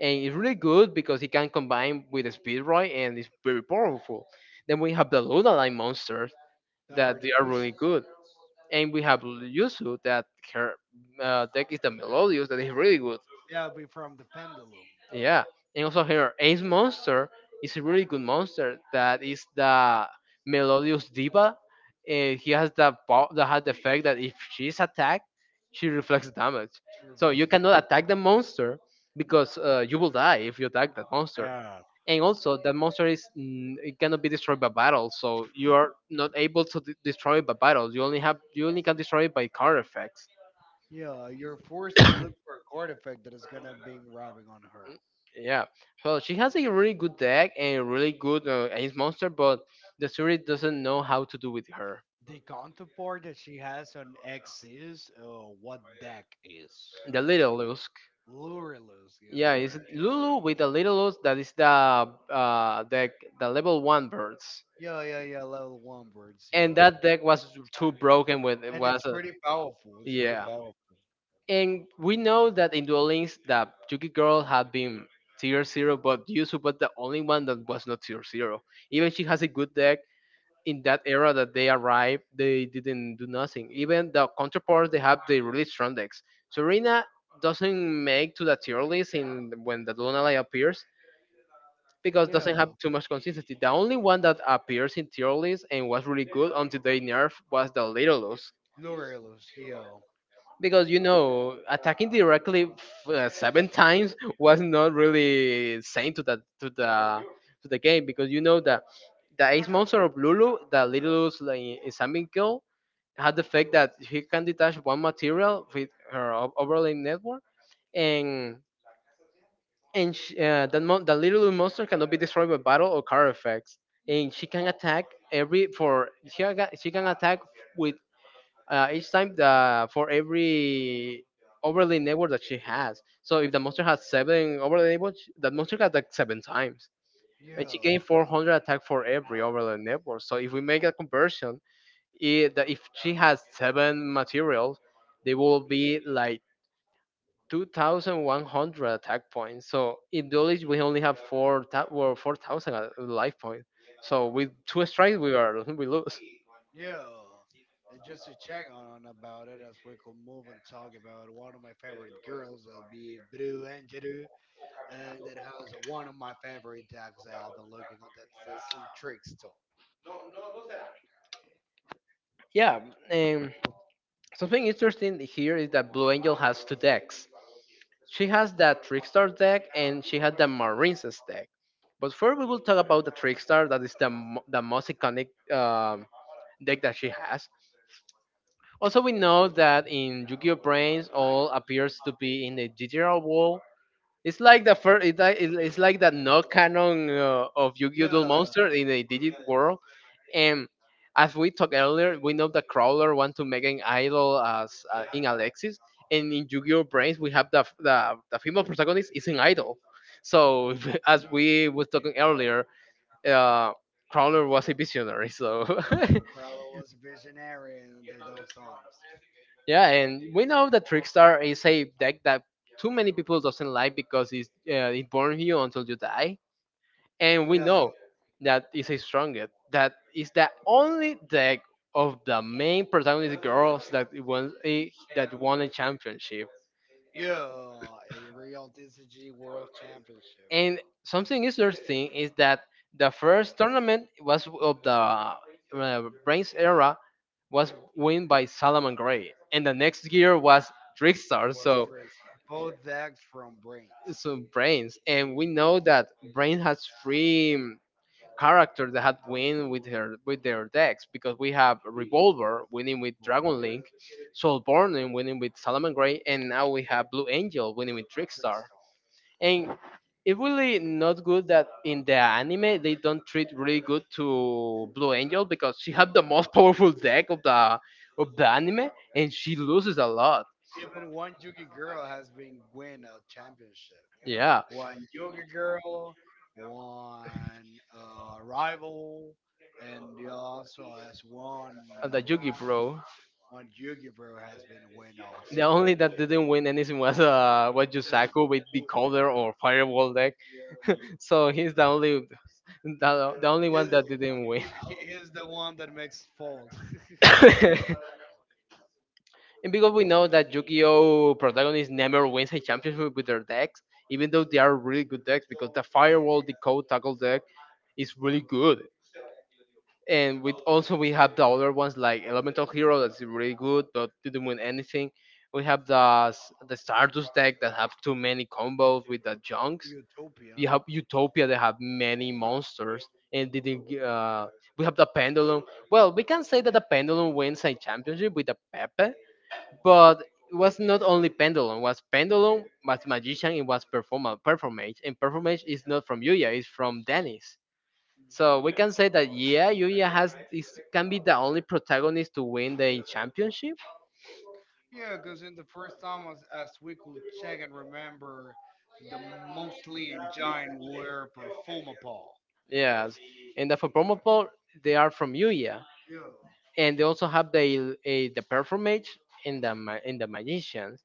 B: and it's really good because it can combine with a speed roy and it's very powerful. Then we have the Luna Line monsters
A: That
B: that
A: are the
B: they are
A: fusion.
B: really good, and we have Yuzu that her deck is the Melodious that is really good.
A: Yeah, it'll be from the pendulum.
B: Yeah, and also her Ace Monster is a really good monster that is the Melodious Diva, and he has the effect that if she's attacked, she reflects damage.
A: Sure
B: So you
A: looks that.
B: cannot attack the monster because you will die if you attack that monster.
A: Yeah.
B: And also, that monster is it cannot be destroyed by battle, so you are not able to destroy it by battle. You only have you only can destroy it by card effects.
A: Yeah, you're forced to look for a card effect that is gonna be robbing on
B: Mm,
A: her.
B: yeah. Well, she has a really good deck and a really good ace monster, but the series doesn't know how to do with her.
A: The counterpart that she has on X is what deck is.
B: The little Lusk.
A: Lurelus,
B: Yeah,
A: yes,
B: it's
A: right.
B: Lulu with the little Lusk that is the deck the level one birds.
A: Yeah, yeah, yeah, level one birds,
B: And
A: yeah.
B: that deck was too broken when it
A: And
B: was
A: it's
B: a,
A: pretty powerful. It's pretty
B: yeah.
A: powerful.
B: And we know that in Duel Links that Yuki Girl had been tier zero, but Yuzu was the only one that was not tier zero. Even she has a good deck, in that era that they arrived, they didn't do nothing. Even the counterparts they have, they really strong decks. Serena doesn't make to the tier list in when the Lunala appears because
A: Yeah,
B: doesn't have too much consistency. The only one that appears in tier list and was really good until they nerf was the Littleloops.
A: Lurelus,
B: Because attacking directly seven times [LAUGHS] was not really sane to the game because you know that the ace monster of Lulu, the Littleloops like, is a had the fact that he can detach one material with her overlay network, and and sh that little monster cannot be destroyed by battle or card effects, and she can attack every for she can attack with each time the for every overlay network that she has. So if the monster has seven overlay networks, that monster can attack seven times, and she
A: yeah,
B: gained 400 attack for every overlay network. So if we make a conversion that if she has seven materials, they will be like 2,100 attack points. So in Duelist, we only have 4,000 life points. So with two strikes, we are [LAUGHS] we lose.
A: yeah. And just to check on about it as we could move and talk about one of my favorite girls, that'll be Blue Angelou, and it has one of my favorite dogs that I've been looking at. That's some trickster.
B: Yeah. Um, Something interesting here is that Blue Angel has two decks. She has that Trickstar deck and she has the Marine's deck. But first, we will talk about the Trickstar. That is the most iconic deck that she has. Also, we know that in Yu-Gi-Oh! Brains, all appears to be in the digital world. It's like the first, it's like the no canon of Yu-Gi-Oh! Duel
A: Yeah,
B: Monster in the digital world. And as we talked earlier, we know that Crowler want to make an idol as in Alexis, and in Yu-Gi-Oh! Brains, we have the female protagonist is an idol. So [LAUGHS] as we was talking earlier, uh, Crawler was a visionary. So
A: Prella was a visionary in those times.
B: [LAUGHS] yeah, and we know that Trickstar is a deck that too many people doesn't like because it burns you until you die. And we
A: Yeah,
B: know that is a strongest. That is the only deck of the main protagonist girls that won a championship.
A: yeah, a real DCG World Championship.
B: And something interesting is that the first tournament was of the Brains era was win by Salaman Gray, and the next year was Trickstar.
A: Was
B: So
A: crazy. Both decks from Brains
B: so Brains, and we know that Brains has three character that had win with her with their decks because we have Revolver winning with Dragon
A: Mobile
B: Link, Soul Burning winning with Salaman Gray, and now we have Blue Angel winning with Trickstar.
A: Trickstone.
B: And it's really not good that in the anime they don't treat really good to Blue Angel because she had the most [LAUGHS] powerful deck of the anime and she loses a lot.
A: Even one Yugi girl has been win a championship.
B: Yeah,
A: One Yugi girl, one rival, and the also has one
B: and the Yugi bro.
A: one Yugi girl has been win
B: The
A: also.
B: only that didn't win anything was Yusaku with the counter or firewall deck. So he's the only one
A: He,
B: that didn't win.
A: he is the one that makes fault.
B: [LAUGHS] And because we know that Yu-Gi-Oh protagonist never wins a championship with their decks, even though they are really good decks, because the Firewall Decode Tackle deck is really good. And with also we have the other ones like Elemental Hero that's really good but didn't win anything. We have the the Stardust deck that have too many combos with the
A: [LAUGHS]
B: Junks. You
A: Utopia.
B: have utopia, they have many monsters and did uh, we have the pendulum. Well, we can say that the pendulum wins a championship with the pepe, but it was not only pendulum. It was pendulum, was magician, it was performance, and performance is not from yuya, it's from dennis. So we can say that yeah, yuya can be the only protagonist to win the championship.
A: Yeah, because in the first time as we could check and remember, the mostly and giant were Performapal.
B: Yes, and the for promo part, they are from yuya,
A: Yo.
B: and they also have the the performance and the magicians.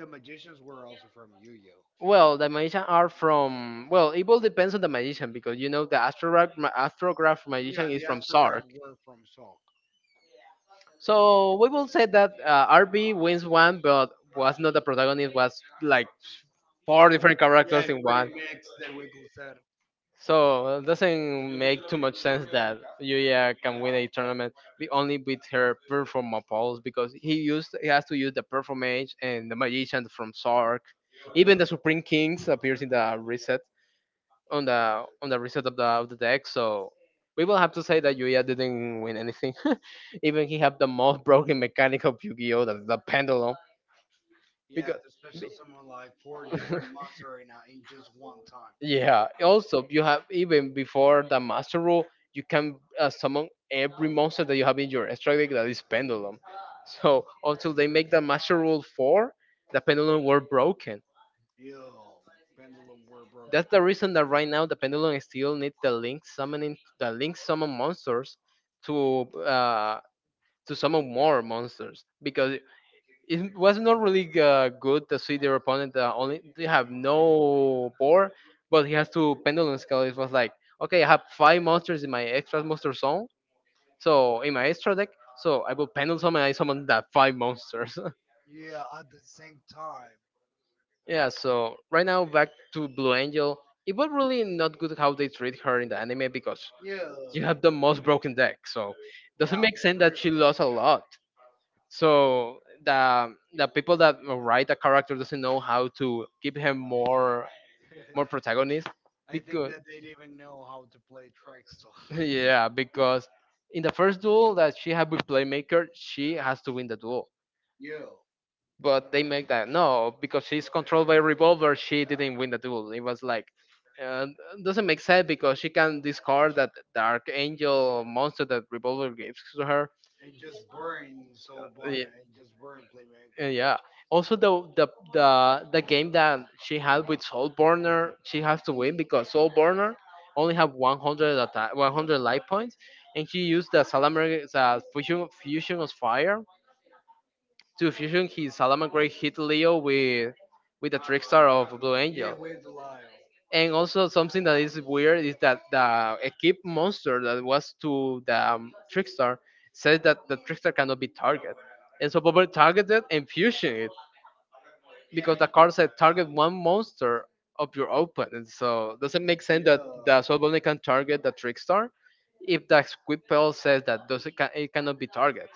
A: The magicians were also from Yu-Gi-Oh.
B: Well, the magicians are from, well, it all depends on the magician, because you know the astrograph magician
A: Yeah,
B: is
A: the
B: from Sark.
A: astrograph were from Salk.
B: So we will say that RB wins one, but was not the protagonist. Was like four different characters
A: Yeah,
B: in
A: pretty
B: one.
A: sick that Wiggle said.
B: So it doesn't make too much sense that Yuya can win a tournament only with her performa pulse, because he has to use the performance and the magician from Sark. Even
A: Yeah.
B: the Supreme Kings appears in the reset, on the reset of the deck. So we will have to say that Yuya didn't win anything. [LAUGHS] Even he had the most broken mechanic of Yu-Gi-Oh, that's the pendulum,
A: Yeah,
B: because
A: the special summon like four different monster right now in just one time.
B: yeah, also you have, even before the master rule, you can summon every monster that you have in your extra deck that is pendulum. So until they make the master rule 4, the pendulum were broken.
A: Yo, pendulum were
B: That's
A: broken.
B: the reason that right now the pendulum still needs the link summoning, the link summon monsters to uh to summon more monsters, because it was not really good to see their opponent only they have no board, but he has to pendulum scale. It was like, okay, I have five monsters in my extra monster zone, so in my extra deck, so I will pendulum summon and I summon that five monsters.
A: Yeah, at the same time.
B: [LAUGHS] Yeah, so right now back to Blue Angel. It was really not good how they treat her in the anime, because
A: Yeah.
B: you have the most broken deck, so doesn't
A: Yeah,
B: make
A: for
B: sense that she lost a lot. So the people that write the character doesn't know how to give him more,
A: real.
B: more
A: [LAUGHS]
B: protagonist,
A: I think
B: because
A: that they didn't even know how to play Trickster.
B: [LAUGHS]
A: [LAUGHS]
B: yeah, because in the first duel that she had with playmaker she has to win the duel,
A: Yo,
B: but they make that no, because she's controlled by revolver she didn't win the duel. It was like, uh, doesn't make sense because she can discard that dark angel monster that revolver gives to her.
A: and just burn Soul
B: Yeah.
A: Bonner and just burn
B: Uh,
A: Playmaker.
B: yeah. Also, the the game that she had with Soulborner, she has to win because Soulborner only have 100 attack, 100 life points, and she used the Salamander, the fusion of fire, to fusion his Salamander hit Leo with the trickstar of Blue
A: Yeah,
B: Angel.
A: with the Lyle.
B: And also something that is weird is that the equip monster that was to the trickstar says that the trickstar cannot be targeted, and so Bobber targeted and fusion it because the card said target one monster of your opponent. So does it make sense that
A: Yeah,
B: the soul Bone can target the trickstar if the squid spell says that it cannot be targeted?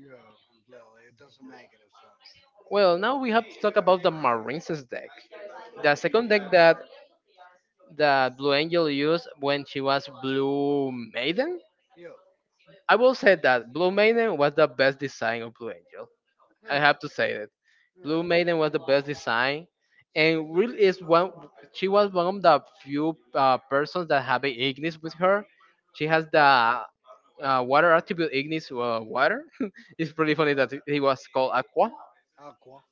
A: yeah, completely. It doesn't make any sense.
B: Well, now we have to talk about the Marinces deck. The second deck that Blue Angel used when she was Blue Maiden.
A: Yo,
B: I will say that Blue Maiden was the best design of Blue Angel. I
A: yeah,
B: have to say it.
A: yeah.
B: Blue Maiden was the best design, and really is one. She was one of the few persons that have a Ignis with her. She has the water attribute Ignis water. [LAUGHS] It's pretty funny that he was called Aqua.
A: Aqua.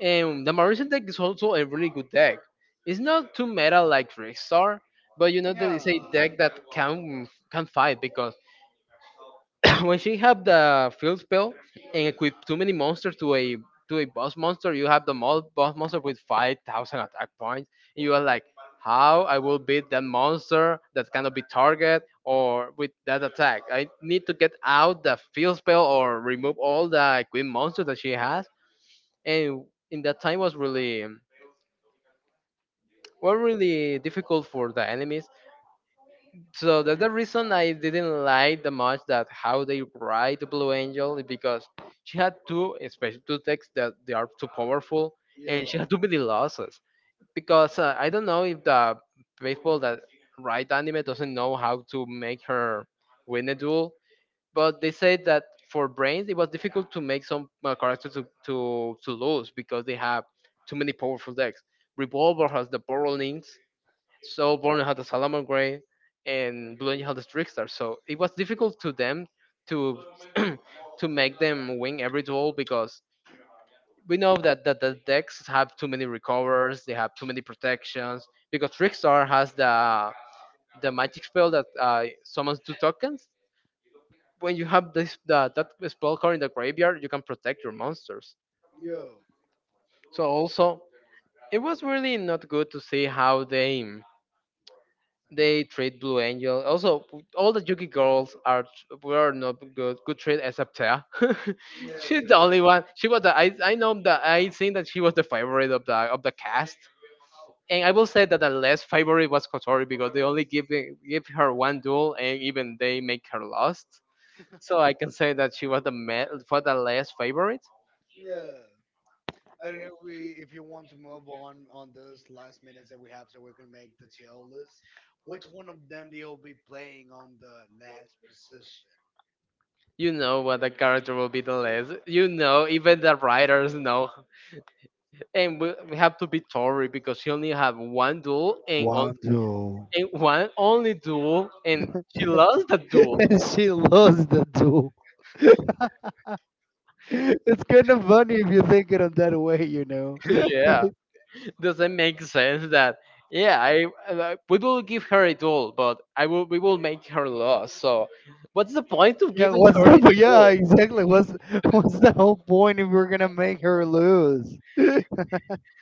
B: And the Mauritian deck is also a really good deck. It's not too meta like Trickstar, but you know that it's a
A: Yeah,
B: deck that can fight because [LAUGHS] [COUGHS] when she have the field spell and equip too many monsters to a, to a boss monster, you have the boss monster with 5,000 attack points, and you are like, how I will beat that monster that cannot be target or with that attack? I need to get out the field spell or remove all the equip monsters that she has, and in that time was really, was really difficult for the enemies. So that's the reason I didn't like the much that how they write the Blue Angel is because she had two, especially two texts that they are too powerful, and she had
A: yo,
B: too many losses. Because I don't know if the people that write anime doesn't know how to make her win a duel, but they said that for brains it was difficult to make some characters to, to lose because they have too many powerful decks. Revolver has the Borrowings, so Borneo had a Salamangreat and Blue Angel had a Trickstar. So it was difficult to them to [CLEARS THROAT] to make them win every duel because we know that, the decks have too many recovers, they have too many protections. Because Trickstar has the magic spell that summons two tokens. When you have that spell card in the graveyard, you can protect your monsters.
A: yo.
B: So also, it was really not good to see how they treat Blue Angel. Also, all the Yuki girls are, were not good, good treat except Tea.
A: Yeah,
B: [LAUGHS] She's the only
A: completely.
B: one. She was the, I think that she was the favorite of the cast. And I will say that the less favorite was Kotori because they only give her one duel and even they make her lost. So I can say that she was the for the less favorite.
A: Yeah. I don't know if you want to move on those last minutes that we have, so we can make the TL list. Which one of them do you be playing on the last position?
B: You know what the character will be the less. You know, even the writers know, and we have to be Tori because she only had one duel and on,
A: One, Wando.
B: and one only duel, and she lost the duel.
A: [LAUGHS] She lost the two. [LAUGHS] It's kind of funny if you think it in that way, you know.
B: [LAUGHS]
A: [LAUGHS]
B: Yeah, does it make sense that? Yeah, I we will give her a duel, but I will we will make her lose. So, what's the point of
A: Yeah,
B: giving
A: what's
B: her
A: the
B: a
A: [LAUGHS] but
B: duel?
A: yeah, exactly. What's [LAUGHS] what's the whole point if we're gonna make her lose? [LAUGHS] yeah,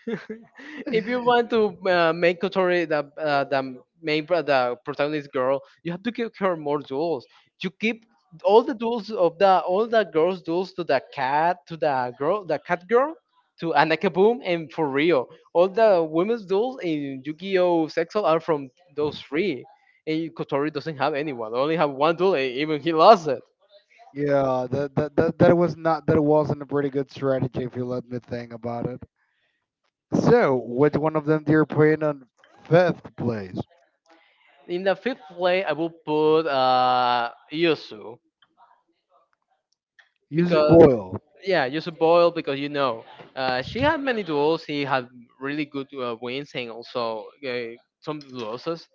B: [LAUGHS] If you want to make Kotori the main the protagonist girl, you have to give her more duels. You give all the duels of the all the girls duels to the cat to the girl the cat girl to Anaka Boom and for real. All the women's duels in Yu-Gi-Oh! Sexual are from those three. And Kotori doesn't have anyone. Only have one duel and even he lost it.
A: that was not that wasn't a pretty good strategy if you let me think about it. So, which one of them do you put on fifth place?
B: In the fifth play I will put Yusu.
A: User
B: Because
A: Boyle.
B: yeah, just a boil because you know she had many duels. She had really good wins and also some losses.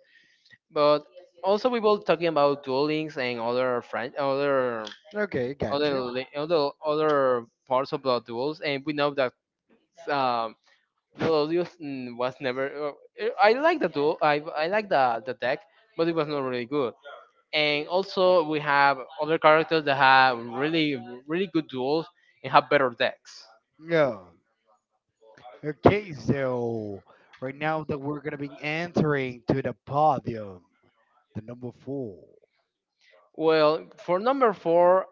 B: But also we were talking about duelings and other other
A: Okay, gotcha.
B: other, other parts of the duels, and we know that um, Melodius, mm, was never. I like the duel. I like the deck, but it was not really good. And also we have other characters that have really, really good duels and have better decks.
A: Yeah. Okay, so right now that we're gonna be entering to the podium, the number four.
B: Well, for number four,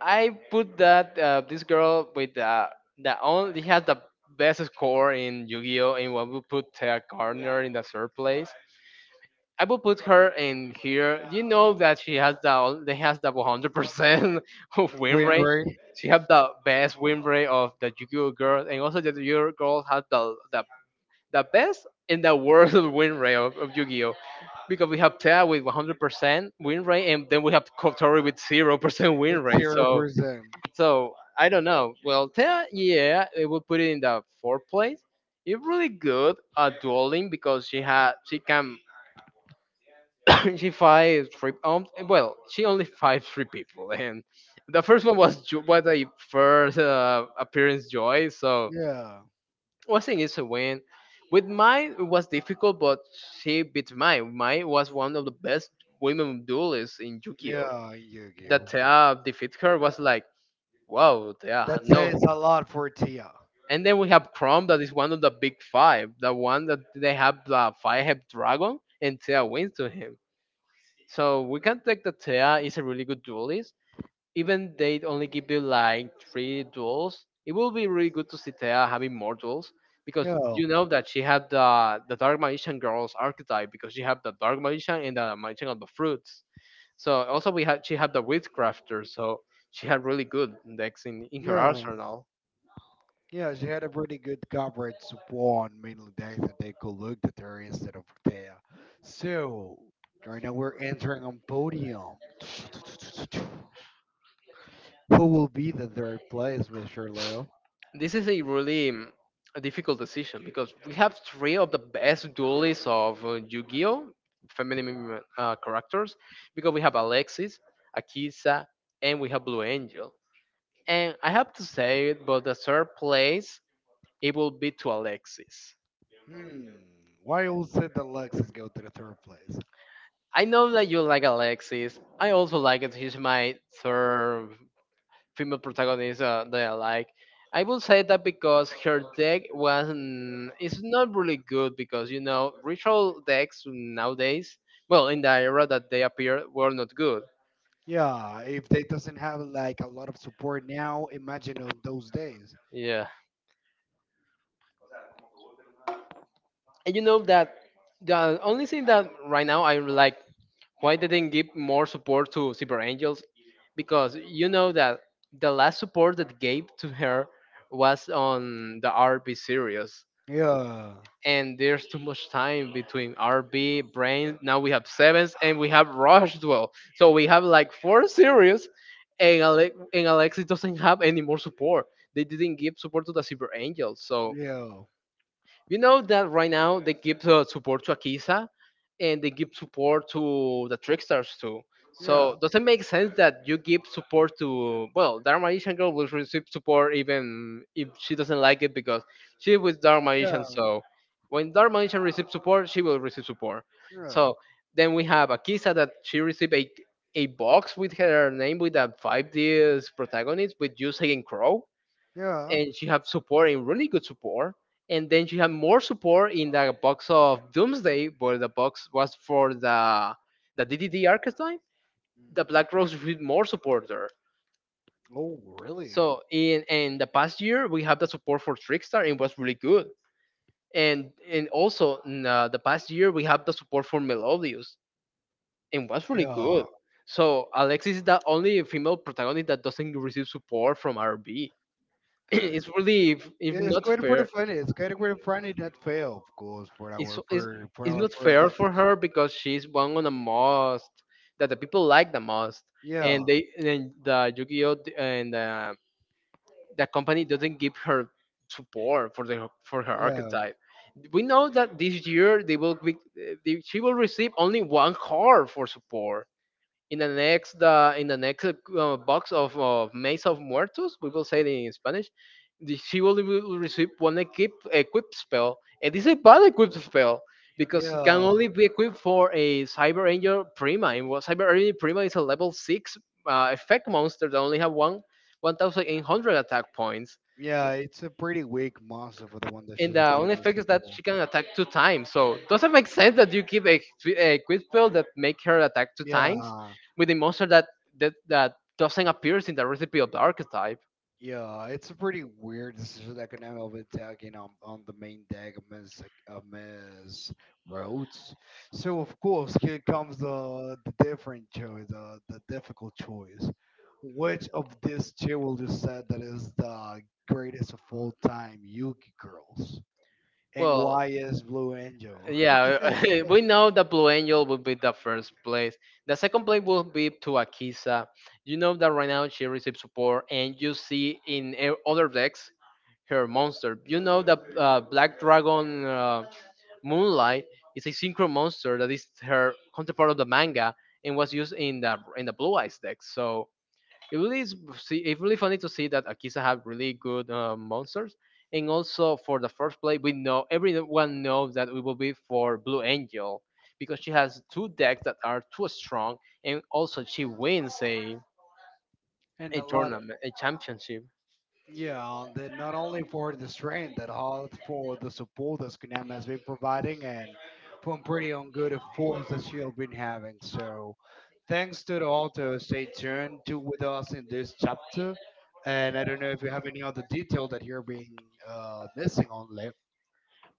B: I put that this girl with the only has the best score in Yu-Gi-Oh, and what we put Taya Gardner in the third place. I will put her in here. You know that she has the 100% [LAUGHS] of win
A: Win
B: rate.
A: rate
B: She have the best win rate of the Yu-Gi-Oh girls, and also the Yu-Gi-Oh girls has the best and the worst [LAUGHS] win rate of Yu-Gi-Oh. Because we have Tea with 100% win rate, and then we have Kotori with 0% [LAUGHS]
A: is
B: win rate.
A: zero
B: So,
A: percent.
B: so I don't know. Well, Tea, yeah, it will put it in the fourth place. It's really good at dueling because she can [COUGHS] she fights three, um, well she only fights three people, and the first one was was a first appearance joy, so
A: Yeah,
B: well, I think it's a win. With mine, it was difficult, but she beat mine. Mine was one of the best women duelists in Yu-Gi-Oh.
A: yeah,
B: That
A: Yu-Gi-Oh.
B: Thea defeat her was like, wow, Thea,
A: That
B: no.
A: says a lot for Tia.
B: And then we have Chrome, that is one of the big five, the one that they have the five-head dragon, and Thea wins to him. So we can take that Thea is a really good duelist. Even they only give you like three duels, it will be really good to see Thea having more duels because
A: Yeah,
B: you know that she had the Dark Magician girl's archetype because she had the Dark Magician and the Magician of the Fruits. So also we had she had the Witchcrafter, so she had really good decks in her
A: yeah.
B: arsenal.
A: Yeah, she had a pretty good coverage on mainly days that they could look at her instead of there. So right now we're entering on podium. Who will be the third place, Mr. Lowe?
B: This is a really a difficult decision because we have three of the best duelists of Yu-Gi-Oh! Feminine characters because we have Alexis, Akisa, and we have Blue Angel. And I have to say it, but the third place it will be to Alexis.
A: Hmm. Why also the Lexus go to the third place?
B: I know that you like Alexis. I also like it. He's my third female protagonists that I like. I will say that because her deck was it's not really good because you know ritual decks nowadays, well in the era that they appeared were not good.
A: Yeah, if they doesn't have like a lot of support now, imagine on those days.
B: Yeah, and you know that the only thing that right now I really like why they didn't give more support to Cyber Angels because you know that the last support that gave to her was on the RP series,
A: Yeah.
B: and there's too much time between RB, Brain. Now we have Sevens and we have Rush Duel. So we have like four series, and Alexis doesn't have any more support. They didn't give support to the Cyber Angels. So
A: Yeah.
B: you know that right now they give support to Akiza and they give support to the Trickstars too.
A: Yeah.
B: So does it make sense that you give support to, well, Dark Magician Girl will receive support even if she doesn't like it because she was Dark
A: Yeah.
B: Magician. So when Dark Magician receives support, she will receive support.
A: Yeah.
B: So then we have Akiza, that she received a box with her name with a 5D's protagonist with Yusei and Crow,
A: Yeah.
B: and you have support and really good support, and then you have more support in the box of doomsday, but the box was for the DDD archetype. The
A: Mm.
B: black rose received more support there.
A: Oh, really?
B: So in the past year we have the support for trickstar and it was really good, and also in the past year we have the support for melodius and was really good.
A: Yeah,
B: So alexis is the only female protagonist that doesn't receive support from rb. [CLEARS THROAT] It's really if
A: it's
B: not
A: quite pretty
B: fair.
A: funny. It's quite pretty funny that fail, of course,
B: it's it's
A: for
B: it's
A: our
B: not
A: per
B: fair
A: Alexis.
B: for her because she's one of the most that the people like the most, and
A: Yeah,
B: the Yu-Gi-Oh d- and the company doesn't give her support for the for her
A: yeah,
B: archetype. We know that this year they will be, they, she will receive only one card for support, in the next box of Maze of Muertos, we will say it in Spanish. She will receive one equip spell, and this is a bad equip spell because it can
A: yeah,
B: only be equipped for a Cyber Angel Prima. And what Cyber Angel Prima is a level six effect monster that only have one one thousand eight hundred attack points,
A: yeah. It's a pretty weak monster for the one that
B: and
A: she's
B: the only
A: getting us
B: effect
A: to
B: is that
A: pull.
B: she can attack two times. So doesn't make sense that you give a, a quick spell that make her attack two times
A: Yeah,
B: with a monster that doesn't appear in the recipe of the archetype.
A: Yeah, it's a pretty weird decision that could end up attacking on the main deck of Miss Rhodes. So of course here comes the different choice, the difficult choice. Which of these two will you say that is the greatest of all time Yugi girls? And
B: Well,
A: why is Blue Angel?
B: yeah, [LAUGHS] we know that Blue Angel will be the first place. The second place will be to Akisa. You know that right now she receives support, and you see in other decks her monster. You know that Black Dragon Moonlight is a synchro monster that is her counterpart of the manga and was used in the Blue Eyes deck. So it really is see, it's really funny to see that Akisa have really good monsters. And also for the first play, we know everyone knows that it will be for Blue Angel because she has two decks that are too strong, and also she wins
A: And
B: a
A: a lot.
B: tournament, a championship.
A: Yeah, that not only for the strength, that all for the support that Skunam has been providing and from pretty on good efforts that she'll been having. So thanks to the author, stay tuned to with us in this chapter. And I don't know if you have any other detail that you're being missing on.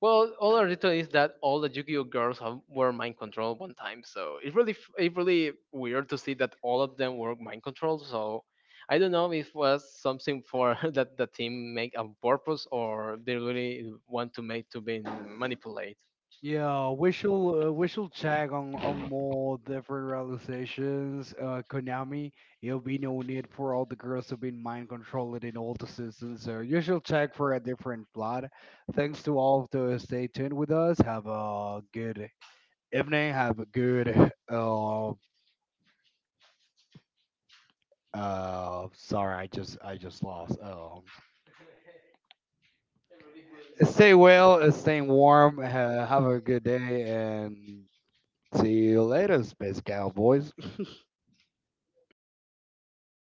B: Well, all I written is that all the Yu-Gi-Oh girls have, were mind controlled one time, so it's really it's really weird to see that all of them were mind controlled. So I don't know if was something for [LAUGHS] that the team make on purpose or they really want to make to be manipulated.
A: Yeah, we shall check on more different realizations. Konami, it'll be no need for all the girls to be mind controlled in all the seasons. So you shall check for a different plot. Thanks to all of those. Stay tuned with us. Have a good evening. Have a good sorry, I just lost. Stay well. Stay warm. Have a good day and see you later, Space Cowboys.